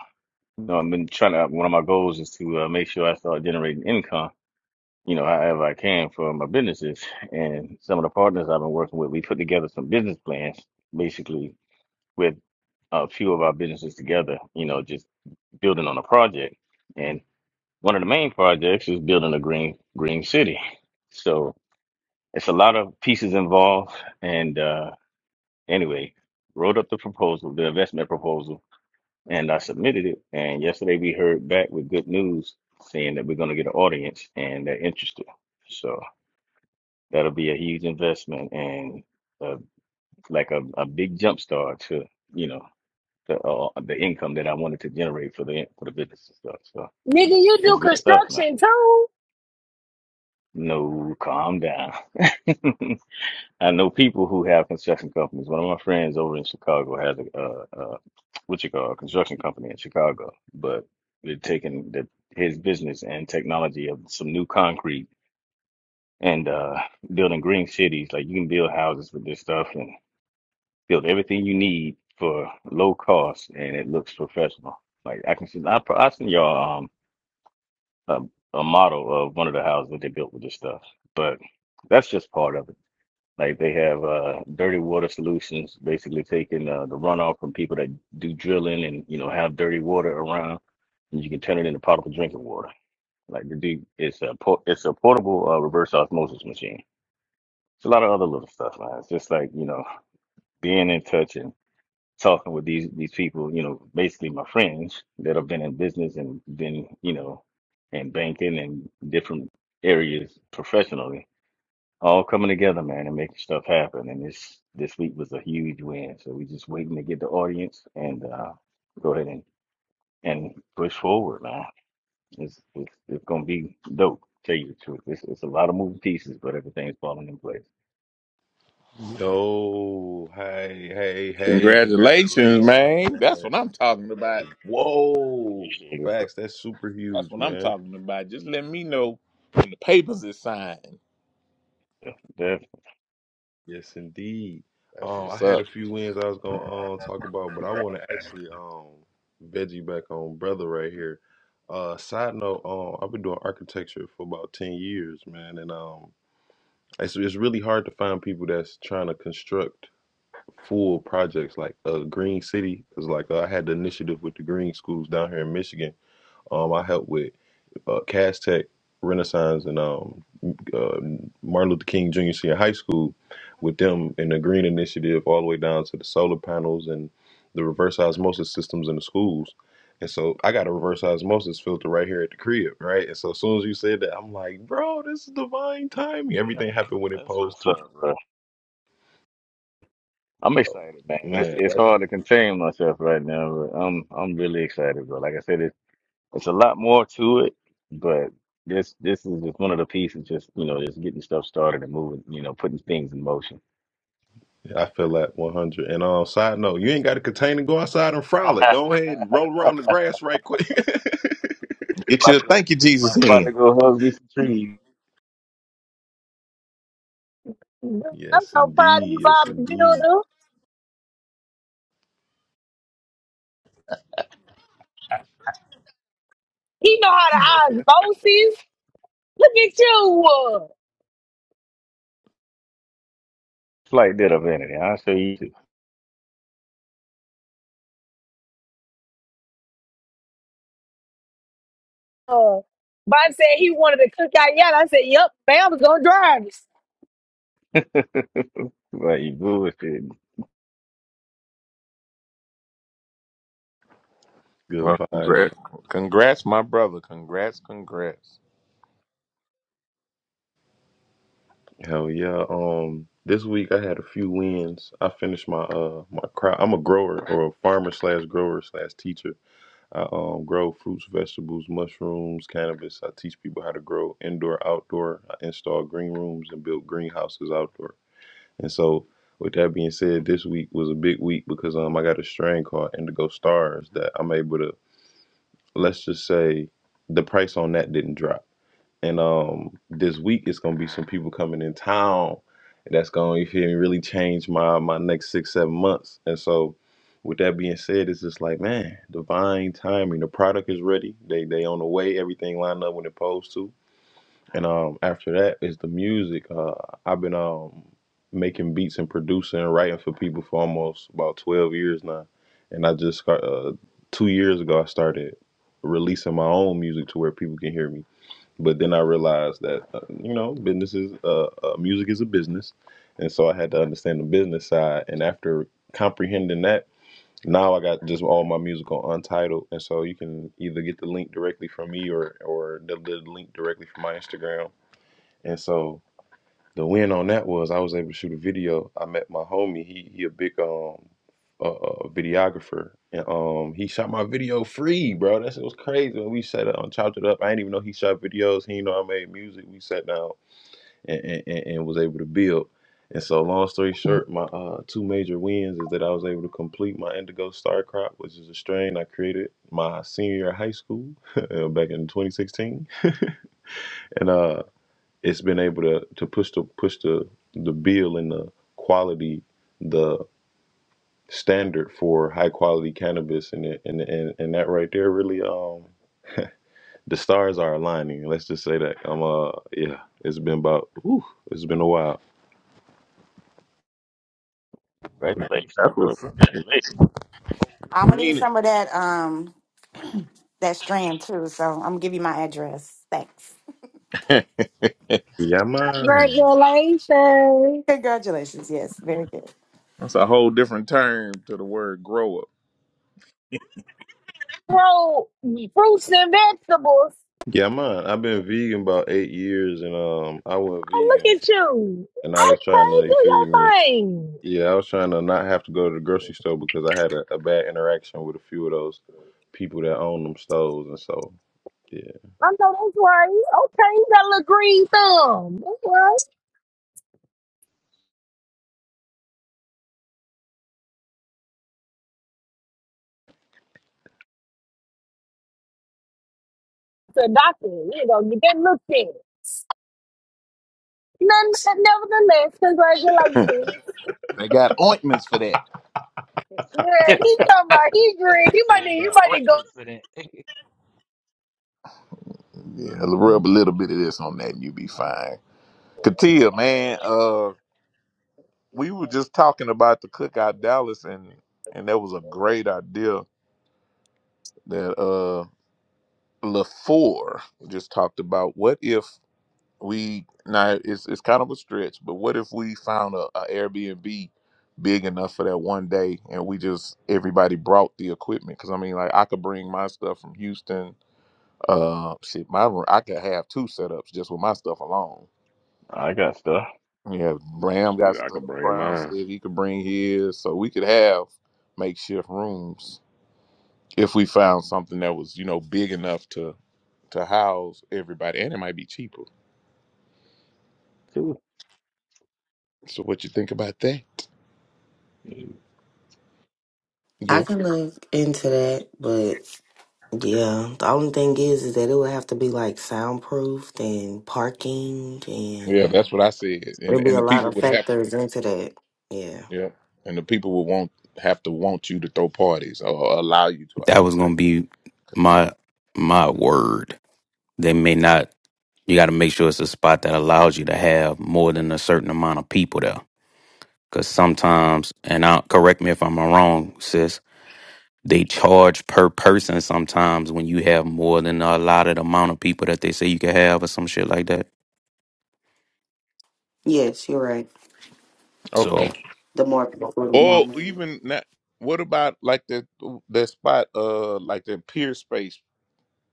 J: you know, I've been trying to. One of my goals is to uh, make sure I start generating income. You know, however I can for my businesses and some of the partners I've been working with. We put together some business plans, basically with a few of our businesses together, you know, just building on a project. And one of the main projects is building a green green city. So it's a lot of pieces involved. And uh, anyway, wrote up the proposal, the investment proposal, and I submitted it. And yesterday we heard back with good news saying that we're going to get an audience and they're interested. So that'll be a huge investment and uh, like a, a big jump start to, you know. the uh, the income that I wanted to generate for the for the business and stuff. So
I: Nigga, you do
J: it's good stuff, man.
I: construction too.
J: No, calm down. I know people who have construction companies. One of my friends over in Chicago has a uh, uh, what you call a construction company in Chicago, but they're taking the, his business and technology of some new concrete and uh, building green cities. Like you can build houses with this stuff and build everything you need for low cost, and it looks professional. Like I can see, I, I seen y'all. um, a, a model of one of the houses that they built with this stuff. But that's just part of it. Like they have uh, dirty water solutions, basically taking uh, the runoff from people that do drilling and you know have dirty water around, and you can turn it into potable drinking water. Like the dude, it's a por- it's a portable uh, reverse osmosis machine. It's a lot of other little stuff, man. It's just like you know being in touch and talking with these these people, you know, basically my friends that have been in business and been, you know, in banking and different areas professionally, all coming together, man, and making stuff happen. And this this week was a huge win. So we're just waiting to get the audience and uh, go ahead and and push forward, man. It's it's, it's gonna be dope. Tell you the truth, it's, it's a lot of moving pieces, but everything's falling in place.
H: Yo, hey, hey, hey!
B: Congratulations,
H: Congratulations,
B: man. That's
H: man.
B: what I'm talking about.
H: Whoa,
J: Appreciate it, bro.
H: facts. That's super
B: That's
H: huge,
B: what I'm
H: man.
B: talking about. Just let me know when the papers is signed.
J: Yeah, That's,
H: Yes, indeed.
B: That's
H: Um, I
B: what's
H: had a
B: up.
H: few wins I was gonna um talk about, but I want to actually um veggie back on brother right here. Uh, side note, um, I've been doing architecture for about ten years, man, and um, it's it's really hard to find people that's trying to construct full projects like a uh, green city. Cause like uh, I had the initiative with the green schools down here in Michigan. Um, I helped with uh, Cast Tech, Renaissance, and um uh, Martin Luther King Jr. Senior High School with them in the Green Initiative all the way down to the solar panels and the reverse osmosis systems in the schools. And so I got a reverse osmosis filter right here at the crib, right? And so as soon as you said that, I'm like, bro, this is divine timing. Everything happened when it
J: that's
H: posed
J: what's
H: to.
J: up, bro. I'm excited, man. It's
H: Man,
J: it's hard to contain myself right now, but I'm I'm really excited, bro. Like I said, it's it's a lot more to it, but this this is just one of the pieces, just you know, just getting stuff started and moving, you know, putting things in motion.
H: I feel that 100. And on uh, side note, you ain't got to contain and go outside and frolic. Go ahead and roll around the grass right quick.
B: Get
J: About
B: your
J: to go,
B: thank you, Jesus
J: about, about
B: in.
J: to go hug me some trees.
I: I'm
H: yes,
I: so proud of you,
H: indeed. Yes,
I: Bob the
H: indeed.
I: Builder. He know how to osmosis. Look at you.
J: Flight did up I'll show you. too.
I: Uh, Bob said he wanted to cook out yet. I said, Yep, Bam is gonna drive us.
J: right, you bullshit.
H: Good
B: Well,
H: vibes,
B: congrats, congrats, my brother. Congrats, congrats.
H: Hell yeah. Um, this week I had a few wins. I finished my uh my crop. I'm a grower or a farmer slash grower slash teacher. I um grow fruits, vegetables, mushrooms, cannabis. I teach people how to grow indoor, outdoor. I install green rooms and build greenhouses outdoor. And so, with that being said, this week was a big week because um I got a strain called Indigo Stars that I'm able to. Let's just say the price on that didn't drop. And um, this week it's gonna be some people coming in town that's gonna you feel me really change my my next six seven months. And so, with that being said, it's just like man, divine timing. The product is ready. They they on the way. Everything lined up when it's supposed to. And um, after that is the music. Uh, I've been um making beats and producing and writing for people for almost about twelve years now. And I just got uh, two years ago I started releasing my own music to where people can hear me but then I realized that uh, you know business is uh, uh, music is a business, and so I had to understand the business side. And after comprehending that, now I got just all my music on Untitled, and so you can either get the link directly from me or or the, the link directly from my Instagram. And so the win on that was I was able to shoot a video. I met my homie. He he a big um a uh, videographer, and um he shot my video free, bro. That shit was crazy. When we sat down, chopped it up. I didn't even know he shot videos. He didn't know I made music. We sat down and and, and, and was able to build. And so, long story short, my uh, two major wins is that I was able to complete my Indigo Star Crop, which is a strain I created my senior year of high school back in 2016, and uh it's been able to to push the push the the bill and the quality the standard for high quality cannabis and it- and and, and that right there really um the stars are aligning let's just say that i'm uh yeah it's been about whew, it's been a while
J: Congratulations,
B: That's
J: bro.
B: what's up.
J: Congratulations.
K: I'm
B: I
K: gonna need
B: mean
K: some of that um that strand too. So I'm gonna give you my address. Thanks.
B: it.
H: yeah man
I: Congratulations.
K: Congratulations. Yes, very good.
B: That's a whole different term to the word grow
I: Bro, fruits and vegetables.
H: yeah man i've been vegan about eight years and um i went
I: Oh,
H: vegan
I: look at you.
H: and i was trying to
I: Okay,
H: you
I: do
H: feel
I: your
H: me
I: thing.
H: yeah i was trying to not have to go to the grocery store because i had a, a bad interaction with a few of those people that own them stores and so Yeah.
I: I know that's right. Okay, you got a little green thumb. That's right. It's a doctor. You know, you get looked at. None, nevertheless,
B: up.
I: congratulations.
B: Hmm. they got ointments for that.
I: Yeah, he talking about he green.
J: You
I: He
J: said
I: might
J: they
I: need, he
J: got
I: might need gold
J: ordinance for that.
B: Yeah, rub a little bit of this on that and you'll be fine. Katia, man, uh, we were just talking about the cookout Dallas, and and that was a great idea that uh LaFour just talked about. What if we now it's it's kind of a stretch, but what if we found a, a Airbnb big enough for that one day, and we just everybody brought the equipment? Because I mean, like I could bring my stuff from Houston. Uh, shit, my room I could have two setups just with my stuff alone
J: I got stuff
B: Yeah, Bram got
F: Shit, I
B: stuff.
F: could bring
B: Brown said
F: mine.
B: he could bring his, so we could have makeshift rooms if we found something that was, you know, big enough to to house everybody, and it might be cheaper.
J: too.
B: So, what you think about that?
J: 11,
L: I
B: Yeah,
L: can look into that, but yeah, the only thing is, is that it would have to be like soundproofed and parking,
B: yeah,
L: and
B: that's what I said, and
L: there'd be
B: and
L: a
B: the
L: lot
B: people
L: of
B: would have,
L: factors into that. Yeah.
B: yeah, and the people would want have to want you to throw parties or allow you to, I
M: That
B: should
M: was
B: say.
M: gonna be my my word. They may not. You got to make sure it's a spot that allows you to have more than a certain amount of people there. Because sometimes, and I correct me if I'm wrong, sis. They charge per person sometimes when you have more than a allotted amount of people that they say you can have or some shit like that.
L: Yes, you're right.
B: Okay,
M: So
L: The more people, the more.
B: or
L: money.
B: even that. What about like that that spot, uh, like that pier space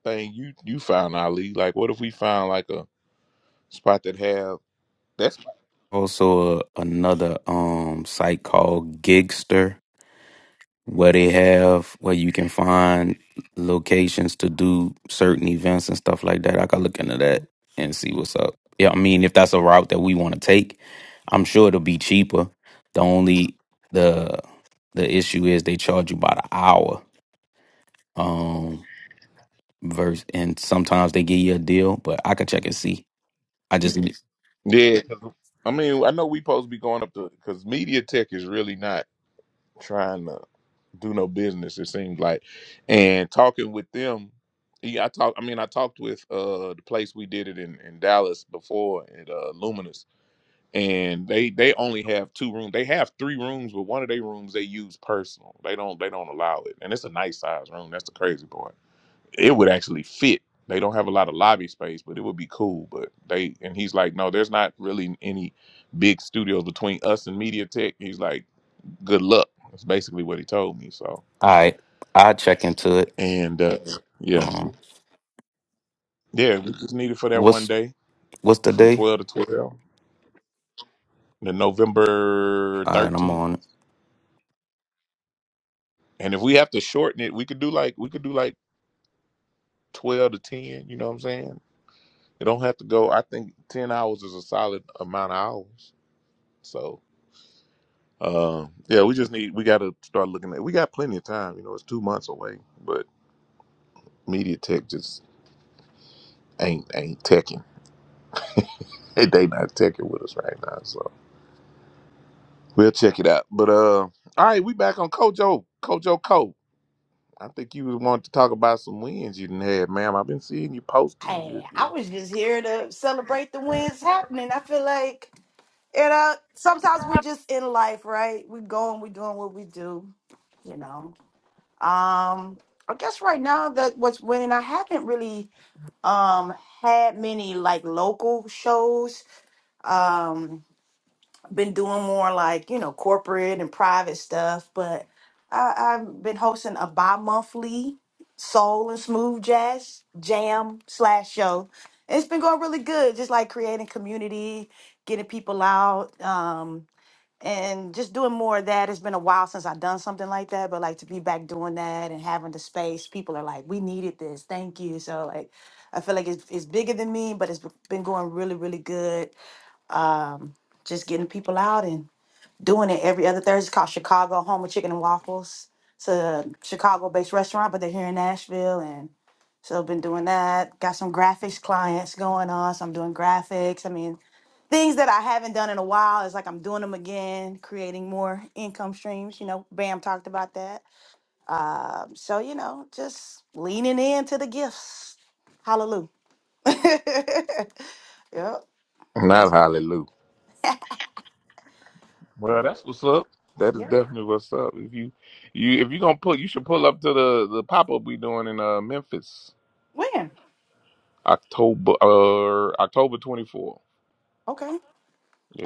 B: thing you you found Ali. Like, what if we found like a spot that have that's
M: also uh, another um site called Gigster. where they have where you can find locations to do certain events and stuff like that. I could look into that and see what's up. Yeah, I mean, if that's a route that we want to take, I'm sure it'll be cheaper. The only the the issue is they charge you by the hour. Um verse and sometimes they give you a deal, but I could check and see. I just all
B: yeah. 'cause, I mean, I know we supposed to be going up to because media tech is really not trying to do no business. It seems like, and talking with them, yeah, I talk. I mean, I talked with uh the place we did it in in Dallas before at uh, Luminous, and they they only have two rooms. They have three rooms, but one of their rooms they use personal. They don't they don't allow it, and it's a nice size room. That's the crazy part it would actually fit. They don't have a lot of lobby space, but it would be cool. But they and he's like, no, there's not really any big studios between us and Media Tech. He's like, good luck. That's basically what he told me. So
M: right. I check into it.
B: and uh, yeah,
M: Um
B: yeah, we just needed for that one
M: what's
B: day
M: what's the
B: from
M: day?
B: twelve to twelve, the November
M: All right, I'm
B: thirteenth.
M: on. it.
B: And if we have to shorten it, we could do like we could do like twelve to ten. You know what I'm saying? It don't have to go. I think ten hours is a solid amount of hours. So Uh, yeah, we just need we got to start looking at. We got plenty of time. You know, it's two months away, but Media Tech just ain't ain't teching. They they not teching with us right now, so we'll check it out. But uh, all right, we back on Kojo Kojo Co. I think you wanted to talk about some wins you didn't have, ma'am. I've been seeing you posting. You,
K: Hey, I
B: you.
K: was just here to celebrate the wins happening. I feel like you know sometimes we're just in life, right? We're going, we're doing what we do, you know. Um, I guess right now that what's winning, I haven't really. um had many like local shows um been doing more like you know corporate and private stuff but I, i've been hosting a bi-monthly soul and smooth jazz jam slash show And it's been going really good just like creating community getting people out Um and just doing more of that. It's been a while since I've done something like that, but like to be back doing that and having the space, people are like, "We needed this, thank you." So like, I feel like it's it's bigger than me, but it's been going really, really good. Um, just getting people out and doing it every other Thursday. It's called Chicago Home of Chicken and Waffles. It's a Chicago-based restaurant, but they're here in Nashville, and. So I've been doing that. Got some graphics clients going on. So I'm doing graphics. I mean, things that I haven't done in a while. It's like I'm doing them again, creating more income streams. You know, Bam talked about that. Um, so you know, just leaning into the gifts. Hallelujah. yep.
B: Not
K: That's
B: hallelujah. Well,
K: real.
B: that's what's up. That is
K: yep.
B: definitely what's up. If you you if you gonna pull, you should pull up to the the pop up we doing in uh Memphis
K: When?
B: October uh October twenty fourth.
K: Okay.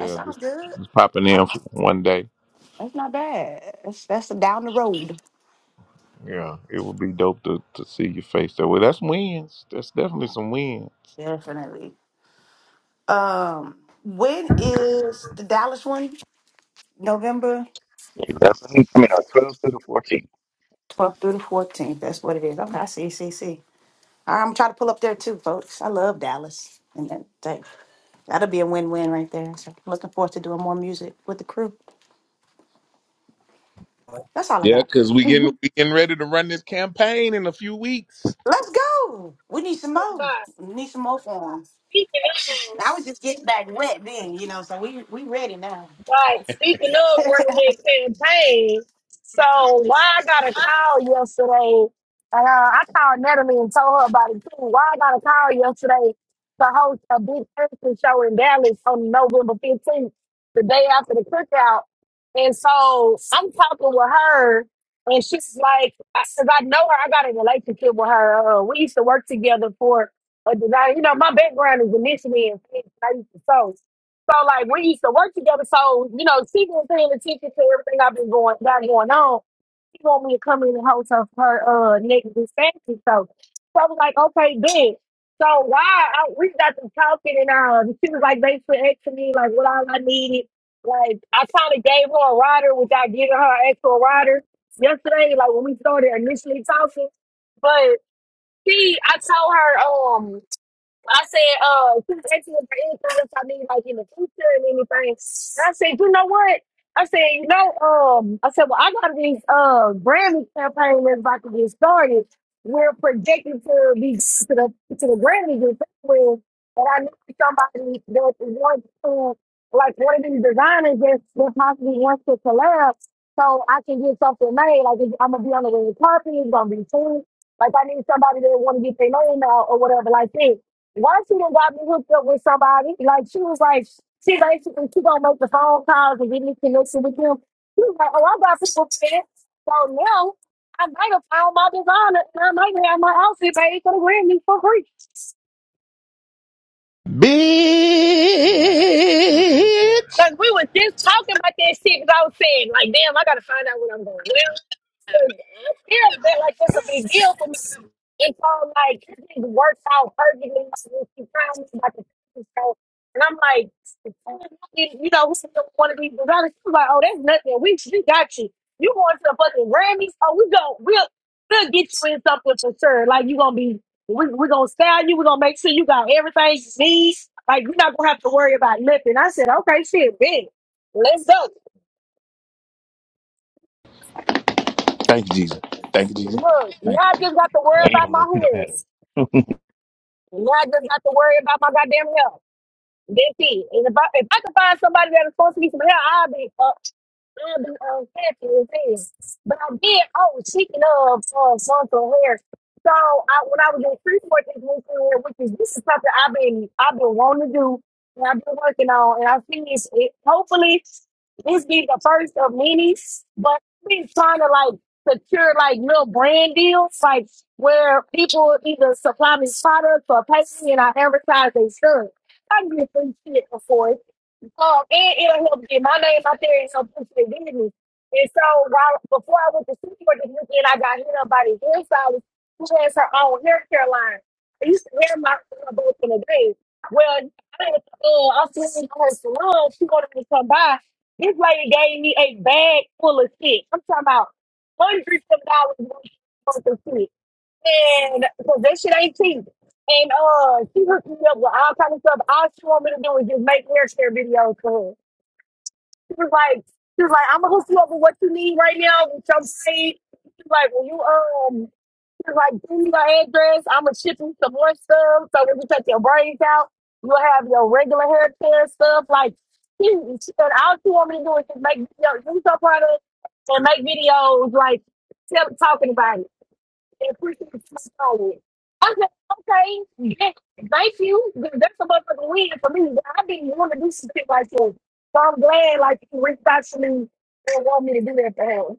K: That
B: this
K: sounds good.
B: just popping
K: I-
B: in for one day.
K: That's not bad. That's that's down the road.
B: Yeah, it would be dope to, to see your face that way. That's wins. That's definitely some wins.
K: Definitely. Um, when is the Dallas one? November
J: I mean, uh, 12 through the 14.
K: 12th through the 14th. That's what it is. Okay, I see, see, see. All right, I'm trying to pull up there too, folks. I love Dallas. And that, that, that'll be a win win right there. So looking forward to doing more music with the crew.
I: go.
K: That's all I
B: Yeah,
K: got.
B: because we getting we getting ready to run this campaign in a few weeks.
K: Let's go. We need some
I: Like,
K: more.
I: Bye.
K: We need some more forms.
I: He can help
K: I
I: us.
K: was just getting back wet then, you know, so we we ready now.
I: But speaking of running that campaign, so why I got a call yesterday, uh, I called Natalie and told her about it too. Why I got a call yesterday to host a big Christmas show in Dallas on November 15th, the day after the cookout. And so I'm talking with her, and she's like, because I know her, I got a relationship with her. Uh, we used to work together for a design. You know, my background is initially in fashion. I used to sew. So like we used to work together. So you know, she been paying attention to everything I've been going got going on. She want me to come in and host her, her uh next dispensary. So so I was like, okay, big. So why I, we got to talking and um, she was like basically asking me like what all I needed. Like I kind of gave her a rider, which I gave her an actual rider yesterday. Like when we started initially talking, but she I told her um. I said, uh, please ask me for anything else I need, like in the future and anything. And I said, you know what? I said, you know, um, I said, well, I got these uh Grammy campaign that's about to get started. We're projected to be to the to the Grammys in February, and I know somebody that wants to like one of these designers that that possibly wants to collab, so I can get something made. Like I'm gonna be on the red carpet, it's gonna be cool. Like I need somebody that want to get their name out or whatever like that. Once she done got me hooked up with somebody, like she was like, she basically she gonna make the phone calls and get me connected with him. She was like, oh, I got people fed. So now I might have found my designer and I might have my outfit paid for the Grammy for free.
B: Bitch.
J: Nice. That's what's up.
I: Cause we was just talking about that shit. Cause I was saying, like, damn, I gotta find out what I'm doing. I still felt like it's a big deal for me. It's all like it didn't work out perfectly. so She found me like a so, and I'm like, you know, we don't want to be developed. She's like, oh, that's nothing. We we got you. You going to the fucking Grammys? Oh, we go. We'll we'll get you in something for sure. Like you gonna be. We we gonna style you. We are gonna make sure you got everything you need. Like you're not gonna have to worry about nothing. I said, okay, shit, big. Let's go.
B: Thank you, Jesus. Thank you, Jesus.
I: Look, now
B: Thank you,
I: I
B: Jesus.
I: just got to worry
J: I need
I: about
J: them little
I: my
J: tip
I: hair.
J: pattern.
I: Now I just have to worry about my goddamn health. That's it. And if I, if I could find somebody that was supposed to be some help, I'd be fucked. I'd be um, happy and things. But I did, oh, speaking of um, frontal hair. So I, when I was in Freeport this weekend, which is this is something I've been I've been wanting to do and I've been working on, and I finished it. Hopefully, this be the first of many. But I've been trying to like secure like little brand deals, like where people either supply me products or pay me and I advertise their stuff. I get free shit before. it. Um, and it'll help get my name out there and help push their business. And so while before I went to Seaport this weekend, I got hit up by this hairstylist who has her own hair care line. I used to hair my hair both in the day. Well, I didn't, uh, I was in her salon. She wanted me to come by. This lady gave me a bag full of shit. I'm talking about hundreds of dollars worth of shit. And because that shit ain't cheap. And uh, she hooked me up with all kind of stuff. All she want me to do is just make haircare videos for her. She was like, she was like, I'm gonna hook you up with what you need right now with your braid. She was like, when you um, she was like, give me your address. I'm gonna ship you some more stuff so when you take your braids out, you'll have your regular hair care stuff. Like, she, she said, all she want me to do is just make videos, use her product and make videos like tell, talking about it and freaking smile. I said, okay, yeah, thank you. That's a motherfucking win for me. But I didn't want to do some shit like that. So I'm glad like you reached out to me and want me to do that for him.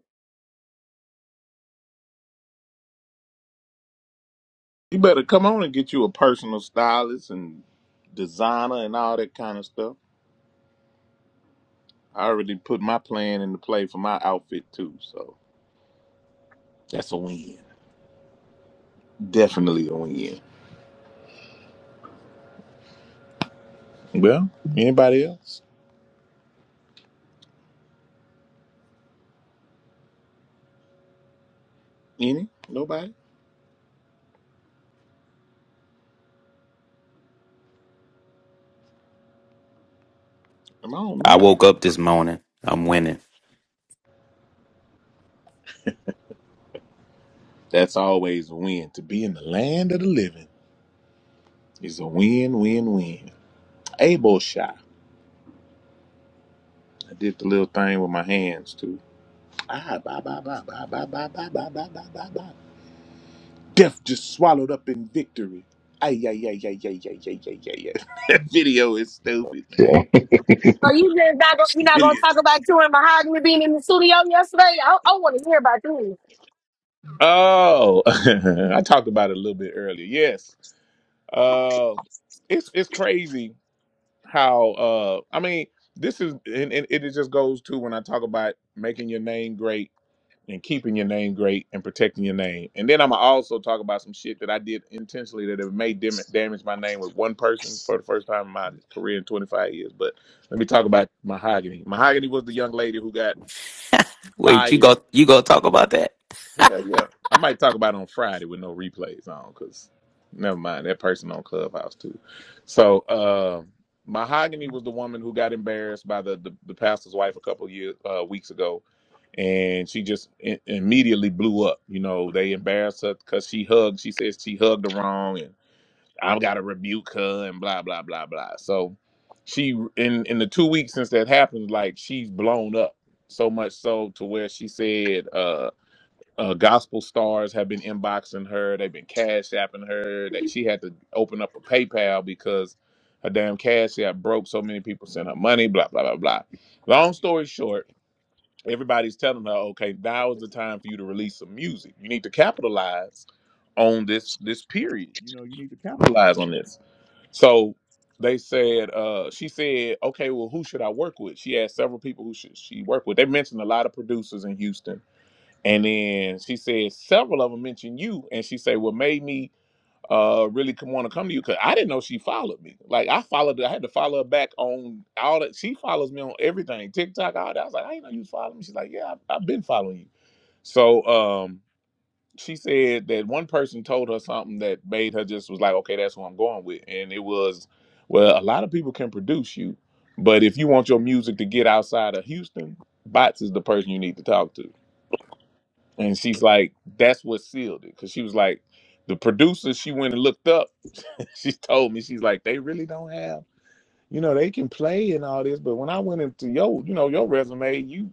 B: You better come on and get you a personal stylist and designer and all that kind of stuff. I already put my plan into play for my outfit too, so that's a win. Definitely on you. Well, anybody else? Any? Nobody? Am I on
M: I
B: mute?
M: woke up this morning. I'm winning.
B: That's always a win. To be in the land of the living is a win, win, win. Able shot. I did the little thing with my hands too. Ah, ba ba ba ba ba ba ba ba ba ba ba ba. Death just swallowed up in victory. Ay yeah yeah yeah yeah yeah yeah yeah yeah yeah. That video is stupid, man.
J: Shit.
I: So you just not gonna, you're not
B: It
I: gonna
B: is.
I: talk about you and Mahogany being in the studio yesterday? I, I want to hear about you.
B: Oh, I talked about it a little bit earlier. Yes, uh, it's it's crazy. how uh I mean this is and, and it just goes to when I talk about making your name great and keeping your name great and protecting your name. And then I'm gonna also talk about some shit that I did intentionally that it may dim- damage my name with one person for the first time in my career in 25 years. But let me talk about Mahogany. Mahogany was the young lady who got
M: Wait, you
B: fired
M: go you go talk about that?
B: yeah, yeah. I might talk about it on Friday with no replays on, cause never mind that person on Clubhouse too. So, uh, Mahogany was the woman who got embarrassed by the the, the pastor's wife a couple years uh, weeks ago, and she just i immediately blew up. You know, they embarrassed her because she hugged. She says she hugged her wrong, and I've got to rebuke her and blah blah blah blah. So, she in in the two weeks since that happened, like she's blown up so much so to where she said. Uh, uh, gospel stars have been inboxing her. They've been cash apping her. That she had to open up a PayPal because her damn cash app broke. So many people sent her money. Blah blah blah blah. Long story short, everybody's telling her, okay, now is the time for you to release some music. You need to capitalize on this this period. You know, you need to capitalize on this. So they said, uh, she said, okay, well, who should I work with? She asked several people who should she work with. They mentioned a lot of producers in Houston and then she said several of them mentioned you, and she said what made me uh really come want to come to you because I didn't know she followed me. Like I followed, her- I had to follow her back on all that. She follows me on everything, TikTok, all that. I was like, I didn't know you was following me. She's like, Yeah, I, I've been following you. So um, she said that one person told her something that made her just was like, Okay, that's who I'm going with, and it was, well, a lot of people can produce you, but if you want your music to get outside of Houston, Bots is the person you need to talk to. And she's like, that's what sealed it. Cause she was like, the producer, she went and looked up. she told me, she's like, they really don't have, you know, they can play and all this. But when I went into your, you know, your resume, you,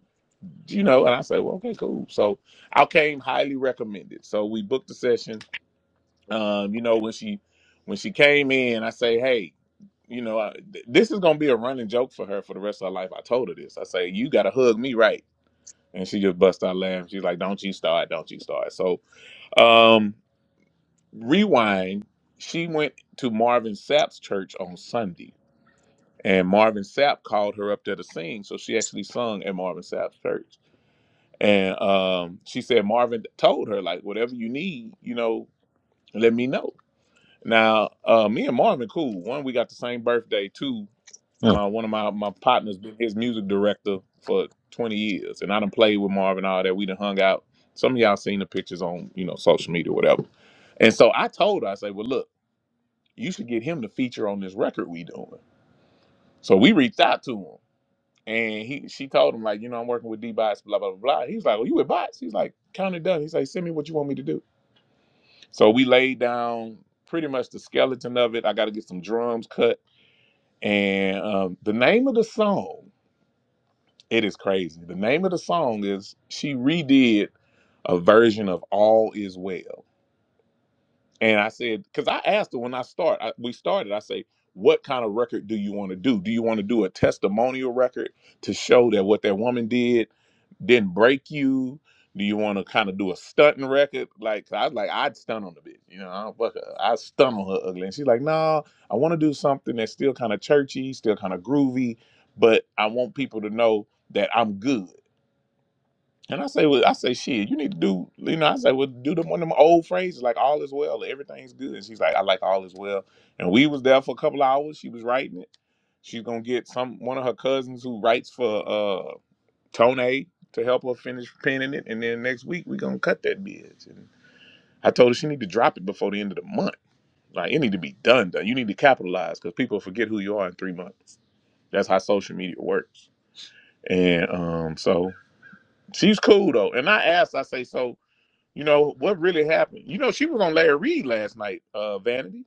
B: you know, and I said, well, okay, cool. So I came highly recommended. So we booked the session. Um, you know, when she, when she came in, I say, hey, you know, I, th- this is gonna be a running joke for her for the rest of her life. I told her this. I say, you gotta hug me right, and she just bust out laughing. She's like, don't you start, don't you start. So um, rewind. She went to Marvin Sapp's church on Sunday, and Marvin Sapp called her up there to sing. So she actually sung at Marvin Sapp's church, and um, she said Marvin told her like, "Whatever you need, you know, let me know." Now, uh, me and Marvin cool. One, we got the same birthday. Two, my one of my my partners been his music director for twenty years, and I done played with Marvin all that. We done hung out. Some of y'all seen the pictures on you know social media, or whatever. And so I told her, I said, "Well, look, you should get him to feature on this record we doing." So we reached out to him, and he she told him like, you know, I'm working with D Bots, blah blah blah. blah. He's like, "Well, you with Bots?" He's like, "Count it done." He's like, "Send me what you want me to do." So we laid down pretty much the skeleton of it. I got to get some drums cut. And um, the name of the song, it is crazy. The name of the song is she redid a version of All Is Well. And I said, because I asked her when I start, I, we started, I say, what kind of record do you want to do? Do you want to do a testimonial record to show that what that woman did? didn't break you? Do you want to kind of do a stunting record? Like 'cause I was like, I'd stunt on the bitch, you know. I don't fuck her. I stunt on her ugly, and she's like, No, I want to do something that's still kind of churchy, still kind of groovy, but I want people to know that I'm good. And I say, well, I say, shit, you need to do, you know, I say, well, do them one of them old phrases like all is well, or everything's good. And she's like, I like all is well. And we was there for a couple hours. She was writing it. She's gonna get some one of her cousins who writes for. uh, Tone to help her finish penning it, and then next week we're gonna cut that bitch. And I told her she need to drop it before the end of the month. Like it need to be done. Done. You need to capitalize because people forget who you are in three months. That's how social media works. And um, so she's cool though. And I asked, I say, so you know what really happened? You know she was on Larry Reed last night. Uh, Vanity.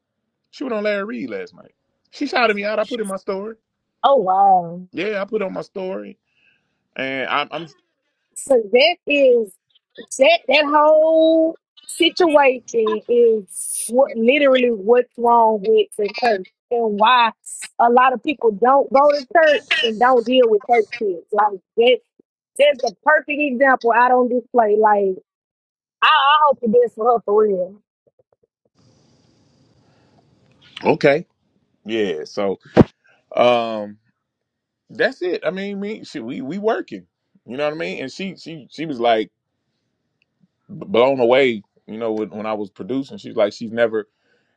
B: She was on Larry Reed last night. She shouted me out. I put in my story.
I: Oh wow.
B: Yeah, I put on my story. And I'm, I'm
I: So that is that that whole situation is what literally what's wrong with the church and why a lot of people don't go to church and don't deal with church kids. Like that that's a perfect example I don't display. Like I, I hope the best for her for real.
B: okay. Yeah. So um. that's it. I mean, me, she, we we working. You know what I mean? And she she she was like b- blown away. You know, when, when I was producing, she's like, she's never.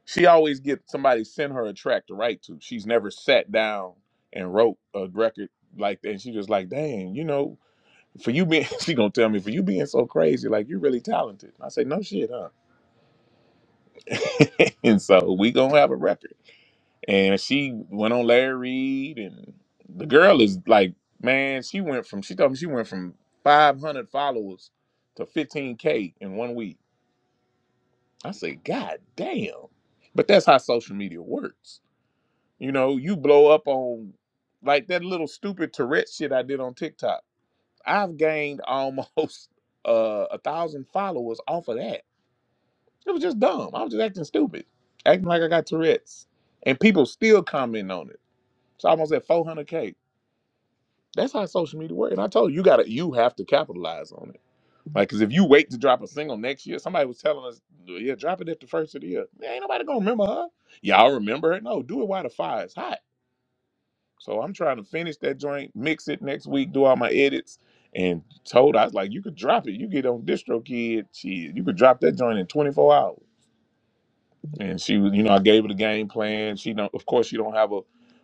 B: She always get somebody send her a track to write to. She's never sat down and wrote a record like that. And she just like, dang, you know, for you being, she gonna tell me for you being so crazy, like you're really talented. And I say, no shit, huh? and so we gonna have a record. and she went on Larry Reed, and the girl is like, man, she went from she told me she went from 500 followers to 15k in one week. I said, God damn! But that's how social media works. You know, you blow up on like that little stupid Tourette shit I did on TikTok. I've gained almost uh, a thousand followers off of that. It was just dumb. I was just acting stupid, acting like I got Tourette's, and people still comment on it. It's almost at 400k. That's how social media works. And I told you, you gotta, you have to capitalize on it. Like, cause if you wait to drop a single next year, somebody was telling us, yeah, drop it at the first of the year. Man, ain't nobody gonna remember her. Y'all remember her? No, do it while the fire is hot. So I'm trying to finish that joint, mix it next week, do all my edits. And told I was like, you could drop it. You get on DistroKid, shit, you could drop that joint in 24 hours and she was you know i gave her the game plan she don't of course she don't have a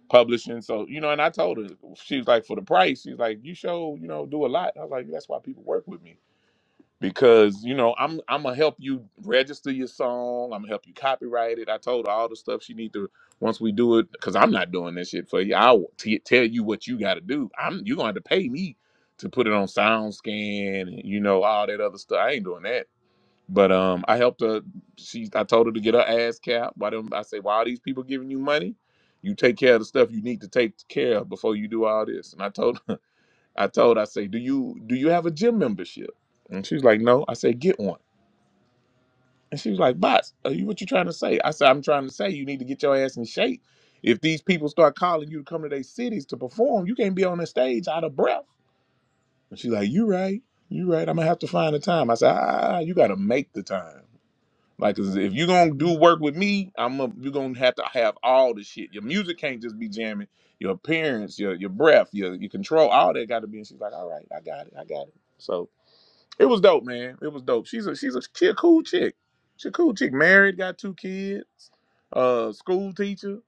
B: publishing so you know and i told her she was like for the price she's like you show you know do a lot i was like that's why people work with me because you know i'm i'm gonna help you register your song i'm gonna help you copyright it i told her all the stuff she need to once we do it because i'm not doing this shit for you i'll t- tell you what you gotta do i'm you're gonna have to pay me to put it on SoundScan and you know all that other stuff i ain't doing that but um, I helped her. She, I told her to get her ass capped. Why them? I say, why are these people giving you money? You take care of the stuff you need to take care of before you do all this. And I told, I told, her, I say, do you do you have a gym membership? And she was like, no. I said, get one. And she was like, bots, are you what you trying to say? I said, I'm trying to say you need to get your ass in shape. If these people start calling you to come to their cities to perform, you can't be on the stage out of breath. And she's like, you right, you right. I'm gonna have to find the time. I said, ah, you gotta make the time. Like, 'cause if you're gonna do work with me, I'm a, you're gonna have to have all the shit. Your music can't just be jamming. Your appearance, your your breath, your your control, all that got to be. And she's like, all right, I got it, I got it. So it was dope, man. It was dope. She's a she's a she a cool chick. She a cool chick. Married, got two kids. Uh, school teacher.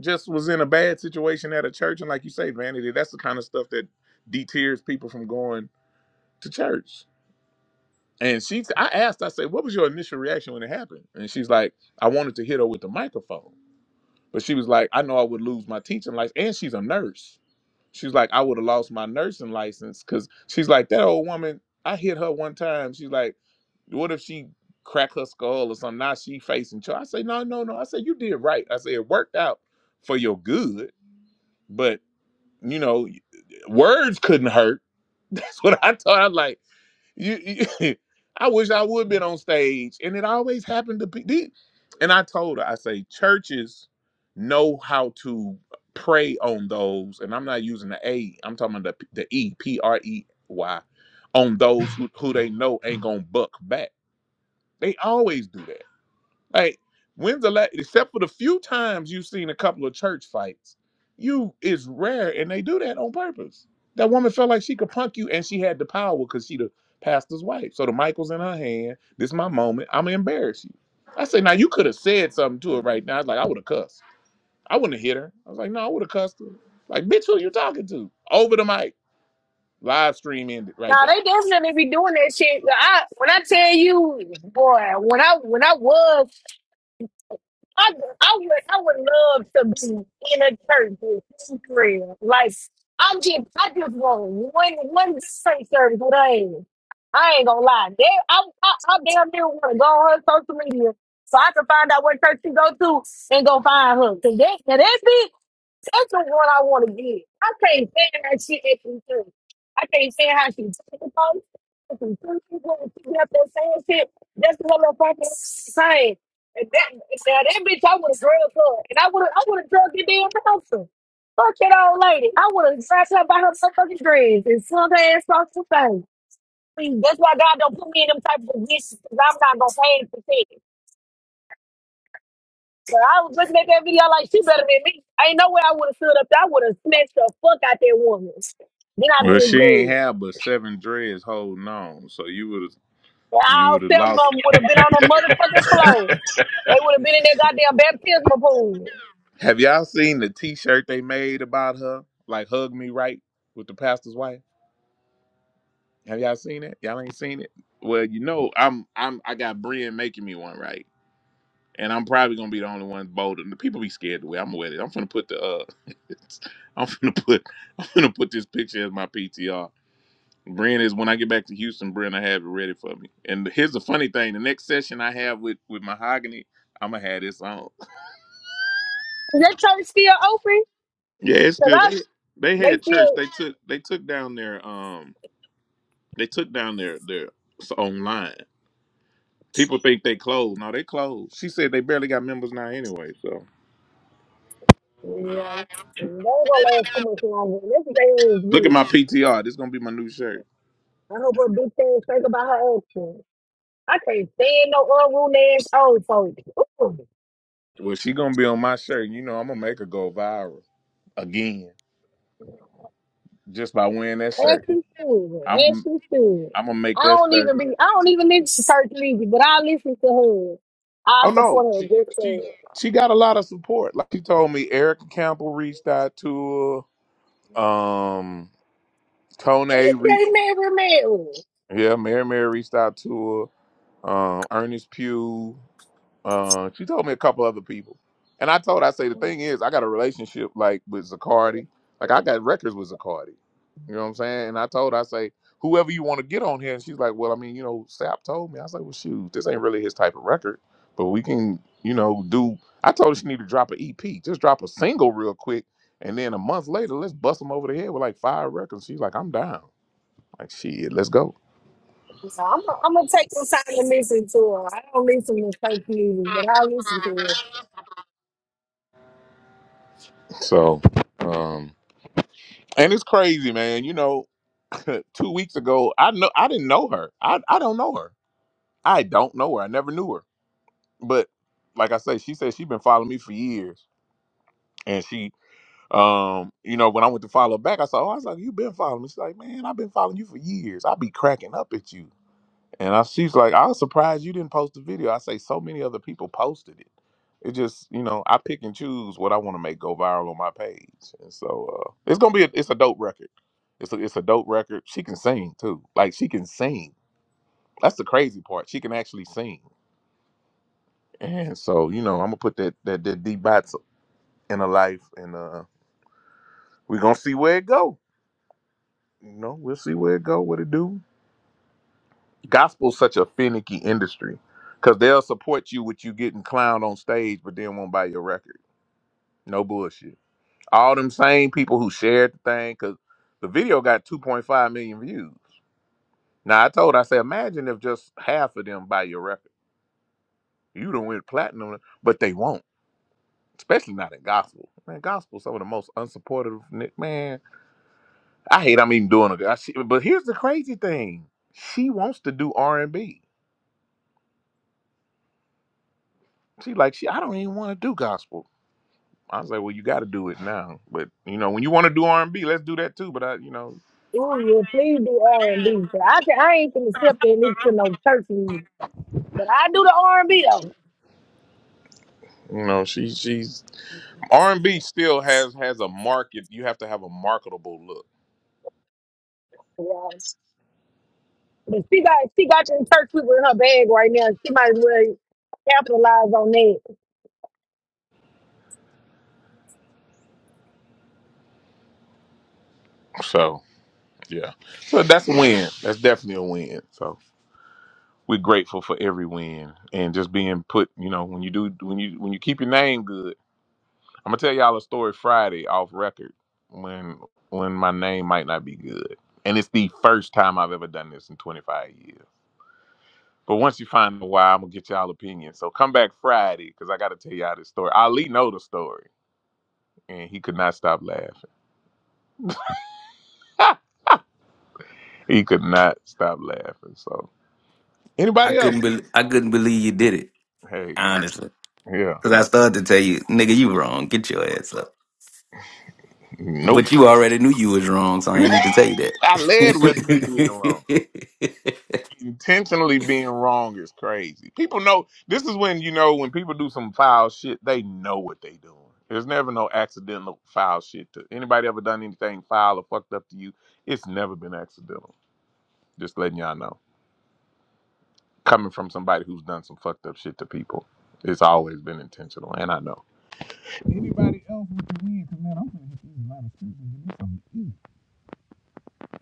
B: Just was in a bad situation at a church, and like you say, vanity. That's the kind of stuff that deters people from going to church. And she, I asked, I said, what was your initial reaction when it happened? And she's like, I wanted to hit her with the microphone. But she was like, I know I would lose my teaching license. And she's a nurse. She's like, I would have lost my nursing license because she's like, that old woman, I hit her one time. She's like, what if she crack her skull or something? Now she facing charge. I say, no, no, no. I said, you did right. I said, it worked out for your good. But, you know, words couldn't hurt. That's what I thought. I'm like, you, you I wish I would been on stage, and it always happened to people. And I told her, I say churches know how to prey on those, and I'm not using the A. I'm talking about the the E P R E Y on those who, who they know ain't gonna buck back. They always do that. Like, when's the last, except for the few times you've seen a couple of church fights, you it's rare, and they do that on purpose. That woman felt like she could punk you, and she had the power because she the pastor's wife. So the mic was in her hand. This my moment. I'm gonna embarrass you. I said, now you could have said something to her right now. I was like, I would have cussed. I wouldn't have hit her. I was like, no, I would have cussed her. Like, bitch, who you talking to? Over the mic. Live stream ended right
I: Now
B: there.
I: they definitely be doing that shit. I when I tell you, boy, when I when I was I, I would I would love to be in a church with Israel. Like I'm just I just want one one straight service with her ass. I ain't gonna lie. They, I, I, I damn near want to go on her social media so I can find out what church she go to and go find her. Cause that, now that's it. That's the one I want to get. I can't stand that shit at three thirty. I can't stand how she talking about it. At three thirty, when She keep up that same shit. That's the little fucking saying. And that now that bitch, I would have drugged her, and I would have, I would have drugged the damn bouncer. Fuck that old lady. I would have grabbed her by her motherfucking dreads and slung her ass across the face. Please, that's why God don't put me in them type of positions. because 'cause I'm not gonna pay for shit. I was looking at that video like she better than me. Ain't no way I would have stood up. there. I would have snatched the fuck out that woman. Then I'd
B: Well,
I: be in
B: she ain't
I: jail.
B: had but seven dreads holding on, so you would have
I: And
B: you would
I: All
B: have
I: seven of
B: lost
I: them would have been on the motherfucking floor. They would have been in that goddamn baptismal pool.
B: Have y'all seen the T-shirt they made about her? Like "Hug Me Right" with the pastor's wife. Have y'all seen it? Y'all ain't seen it. Well, you know, I'm I'm I got Brian making me one right, and I'm probably gonna be the only one bold. And the people be scared the way I'm with it. I'm gonna put the uh, I'm gonna put I'm gonna put this picture as my PTR. Brian is when I get back to Houston, Brian, I have it ready for me. And here's the funny thing: the next session I have with with Mahogany, I'm gonna have this on.
I: Is that church still open?
B: Yeah, it's
I: Cause
B: still
I: I,
B: they they
I: they
B: had church.
I: still.
B: They took they took down their um they took down their their s- online. People think they closed. No, they closed. She said they barely got members now anyway. So
I: Yeah, they ain't gonna last too much longer. This is ain't
B: look at
I: good.
B: my PTR. This gonna be my new shirt.
I: I hope her bitch, thing think about her husband. I can't stand no unruly ass old folks.
B: Well, she gonna be on my shirt. You know, I'm gonna make her go viral again just by wearing that
I: As
B: shirt.
I: she should. As
B: I'm
I: she should.
B: I'm gonna make
I: I
B: that
I: don't
B: shirt.
I: even be. I don't even listen to certain music, but I listen to her. I
B: Oh no,
I: support
B: she
I: her. Just
B: she
I: so.
B: she got a lot of support. Like she told me, Erica Campbell reached out to her. Um, Kone reached.
I: They marry, marry.
B: Yeah, Mary Mary reached out to her. Um, Ernest Pugh. Uh, she told me a couple other people, and I told her, I say the thing is, I got a relationship like with Zacardi. Like I got records with Zacardi. You know what I'm saying? And I told her, I say whoever you want to get on here, and she's like, well, I mean, you know, Sap told me. I was like, well, shoot, this ain't really his type of record, but we can, you know, do. I told her she need to drop an EP, just drop a single real quick, and then a month later, let's bust them over the head with like five records. She's like, I'm down. Like shit, let's go.
I: So I'm. i I'm gonna take some time to listen to her. I don't listen to certain music, but I listen to her.
B: So, um, and it's crazy, man. You know, two weeks ago, I know I didn't know her. I I don't know her. I don't know her. I never knew her. But like I said, she said she's been following me for years, and she, um, you know, when I went to follow back, I said, oh, I was like, you been following me. She's like, man, I've been following you for years. I be cracking up at you. And I, she's like, I was surprised you didn't post the video. I say, so many other people posted it. It just, you know, I pick and choose what I want to make go viral on my page. And so uh, it's gonna be, a, it's a dope record. It's a, it's a dope record. She can sing too. Like she can sing. That's the crazy part. She can actually sing. And so, you know, I'm gonna put that that that D bots in her life, and uh, we're gonna see where it go. You know, we'll see where it go, what it do. gospel's such a finicky industry because they'll support you with you getting clowned on stage, but then won't buy your record. No bullshit. All them same people who shared the thing because the video got 2.5 million views. Now I told, I said, imagine if just half of them buy your record. You don't win platinum, but they won't. Especially not in gospel. Man, gospel's some of the most unsupportive. ni- Man, I hate I'm even doing it. I- she- But here's the crazy thing: she wants to do R and B. She like she. I don't even want to do gospel. I was like, well, you got to do it now. But you know, when you want to do R and B, let's do that too. But I, you know,
I: Ooh, yeah, please do R and B. But I, can, I ain't gonna sit up there and listen to no church music. But I do the R and B though.
B: you know, she she's R and B still has has a market. You have to have a marketable look.
I: Yeah. But she got she got you in church with her bag right now. She might as well capitalize on that.
B: So yeah, so that's a win. That's definitely a win. So we're grateful for every win and just being put. You know, when you do when you when you keep your name good. I'm gonna tell y'all a story Friday off record when when my name might not be good. And it's the first time I've ever done this in 25 years. But once you find the why, I'm gonna get y'all opinion. So come back Friday because I gotta tell y'all this story. Ali know the story, and he could not stop laughing. he could not stop laughing. So
M: I
B: anybody else?
M: couldn't bel I couldn't believe you did it,
B: Hey,
M: honestly.
B: yeah,
M: Cause I started to tell you, nigga, you wrong. Get your ass up.
B: nope.
M: But you already knew you was wrong, so I ain't need to tell you that.
B: I led with me being wrong. Intentionally being wrong is crazy. People know this is when you know when people do some foul shit, they know what they doing. There's never no accidental foul shit to anybody ever done anything foul or fucked up to you. It's never been accidental. Just letting y'all know. coming from somebody who's done some fucked up shit to people. It's always been intentional, and I know. Anybody else with the win? Cause man, I'm gonna hit these lot of streets and get me something to eat.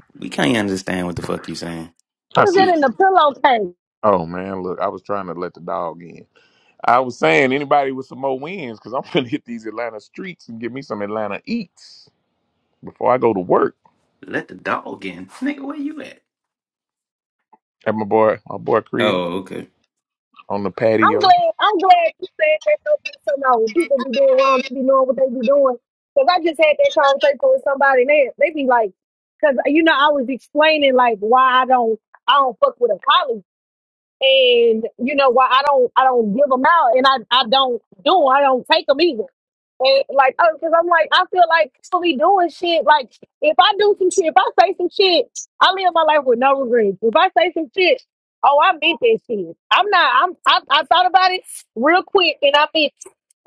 M: we can't understand what the fuck you saying.
B: I
I: was
B: see.
I: in the pillowcase.
B: Oh man, look, I was trying to let the dog in. I was saying anybody with some more wins, cause I'm gonna hit these Atlanta streets and get me some Atlanta eats before I go to work.
M: Let the dog in. Nigga, where you at?
B: At my boy, my boy crib
M: Oh, okay.
B: on the patio.
I: I'm glad. I'm glad you said that. So so now when people be doing wrong, they be knowing what they be doing. Because I just had that conversation with somebody, and they they be like, because you know I was explaining like why I don't I don't fuck with a colleague, and you know why I don't I don't give them out, and I I don't do 'em, I don't take 'em either. And like, oh, because I'm like, I feel like people be doing shit. Like, if I do some shit, if I say some shit, I live my life with no regrets. If I say some shit, oh, I meant that shit. I'm not. I'm. I, I thought about it real quick, and I meant. it.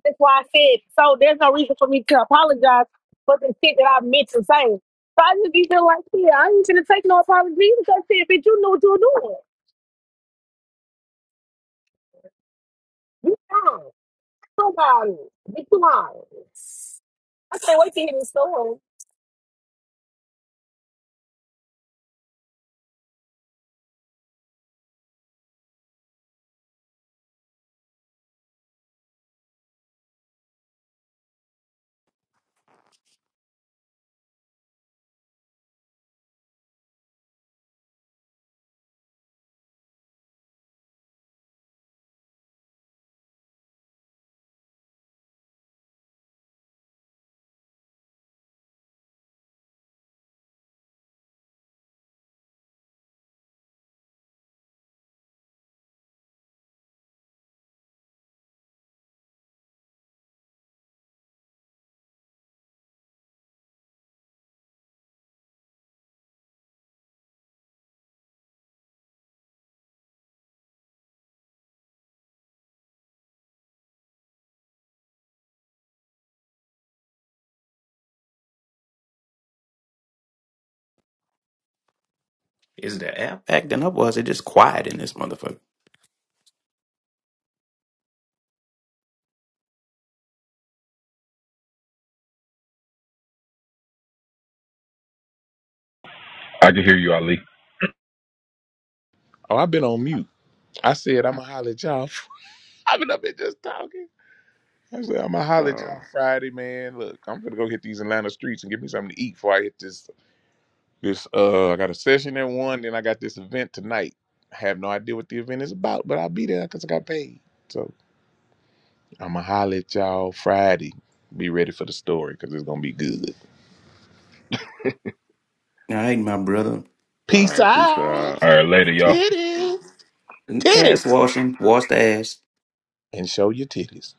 I: That's why I said. So there's no reason for me to apologize for the shit that I meant to say. So I just be feeling like, yeah, I ain't gonna take no apology because I said, bitch, you knew what you were doing. You lying. Somebody, bitch, you lying. I can't wait to hear this story.
M: Is the app acting up or is it just quiet in this motherfucker?
G: I can hear you, Ali.
B: Oh, I've been on mute. I said I'm gonna holler at y'all. I've been up here just talking. I said, I'm gonna holler at
F: Uh,
B: y'all Friday, man. Look, I'm gonna go hit these Atlanta streets and get me something to eat before I hit this. This uh, I got a session at one, then I got this event tonight. I have no idea what the event is about, but I'll be there because I got paid. So I'm gonna holler at y'all Friday. Be ready for the story because it's gonna be good.
M: All right, my brother.
F: all
B: Peace
F: right, peace
B: out,
F: out.
G: All right, later, y'all.
B: titties,
M: Ass
B: titties,
M: washing. Wash the ass.
B: and show your titties.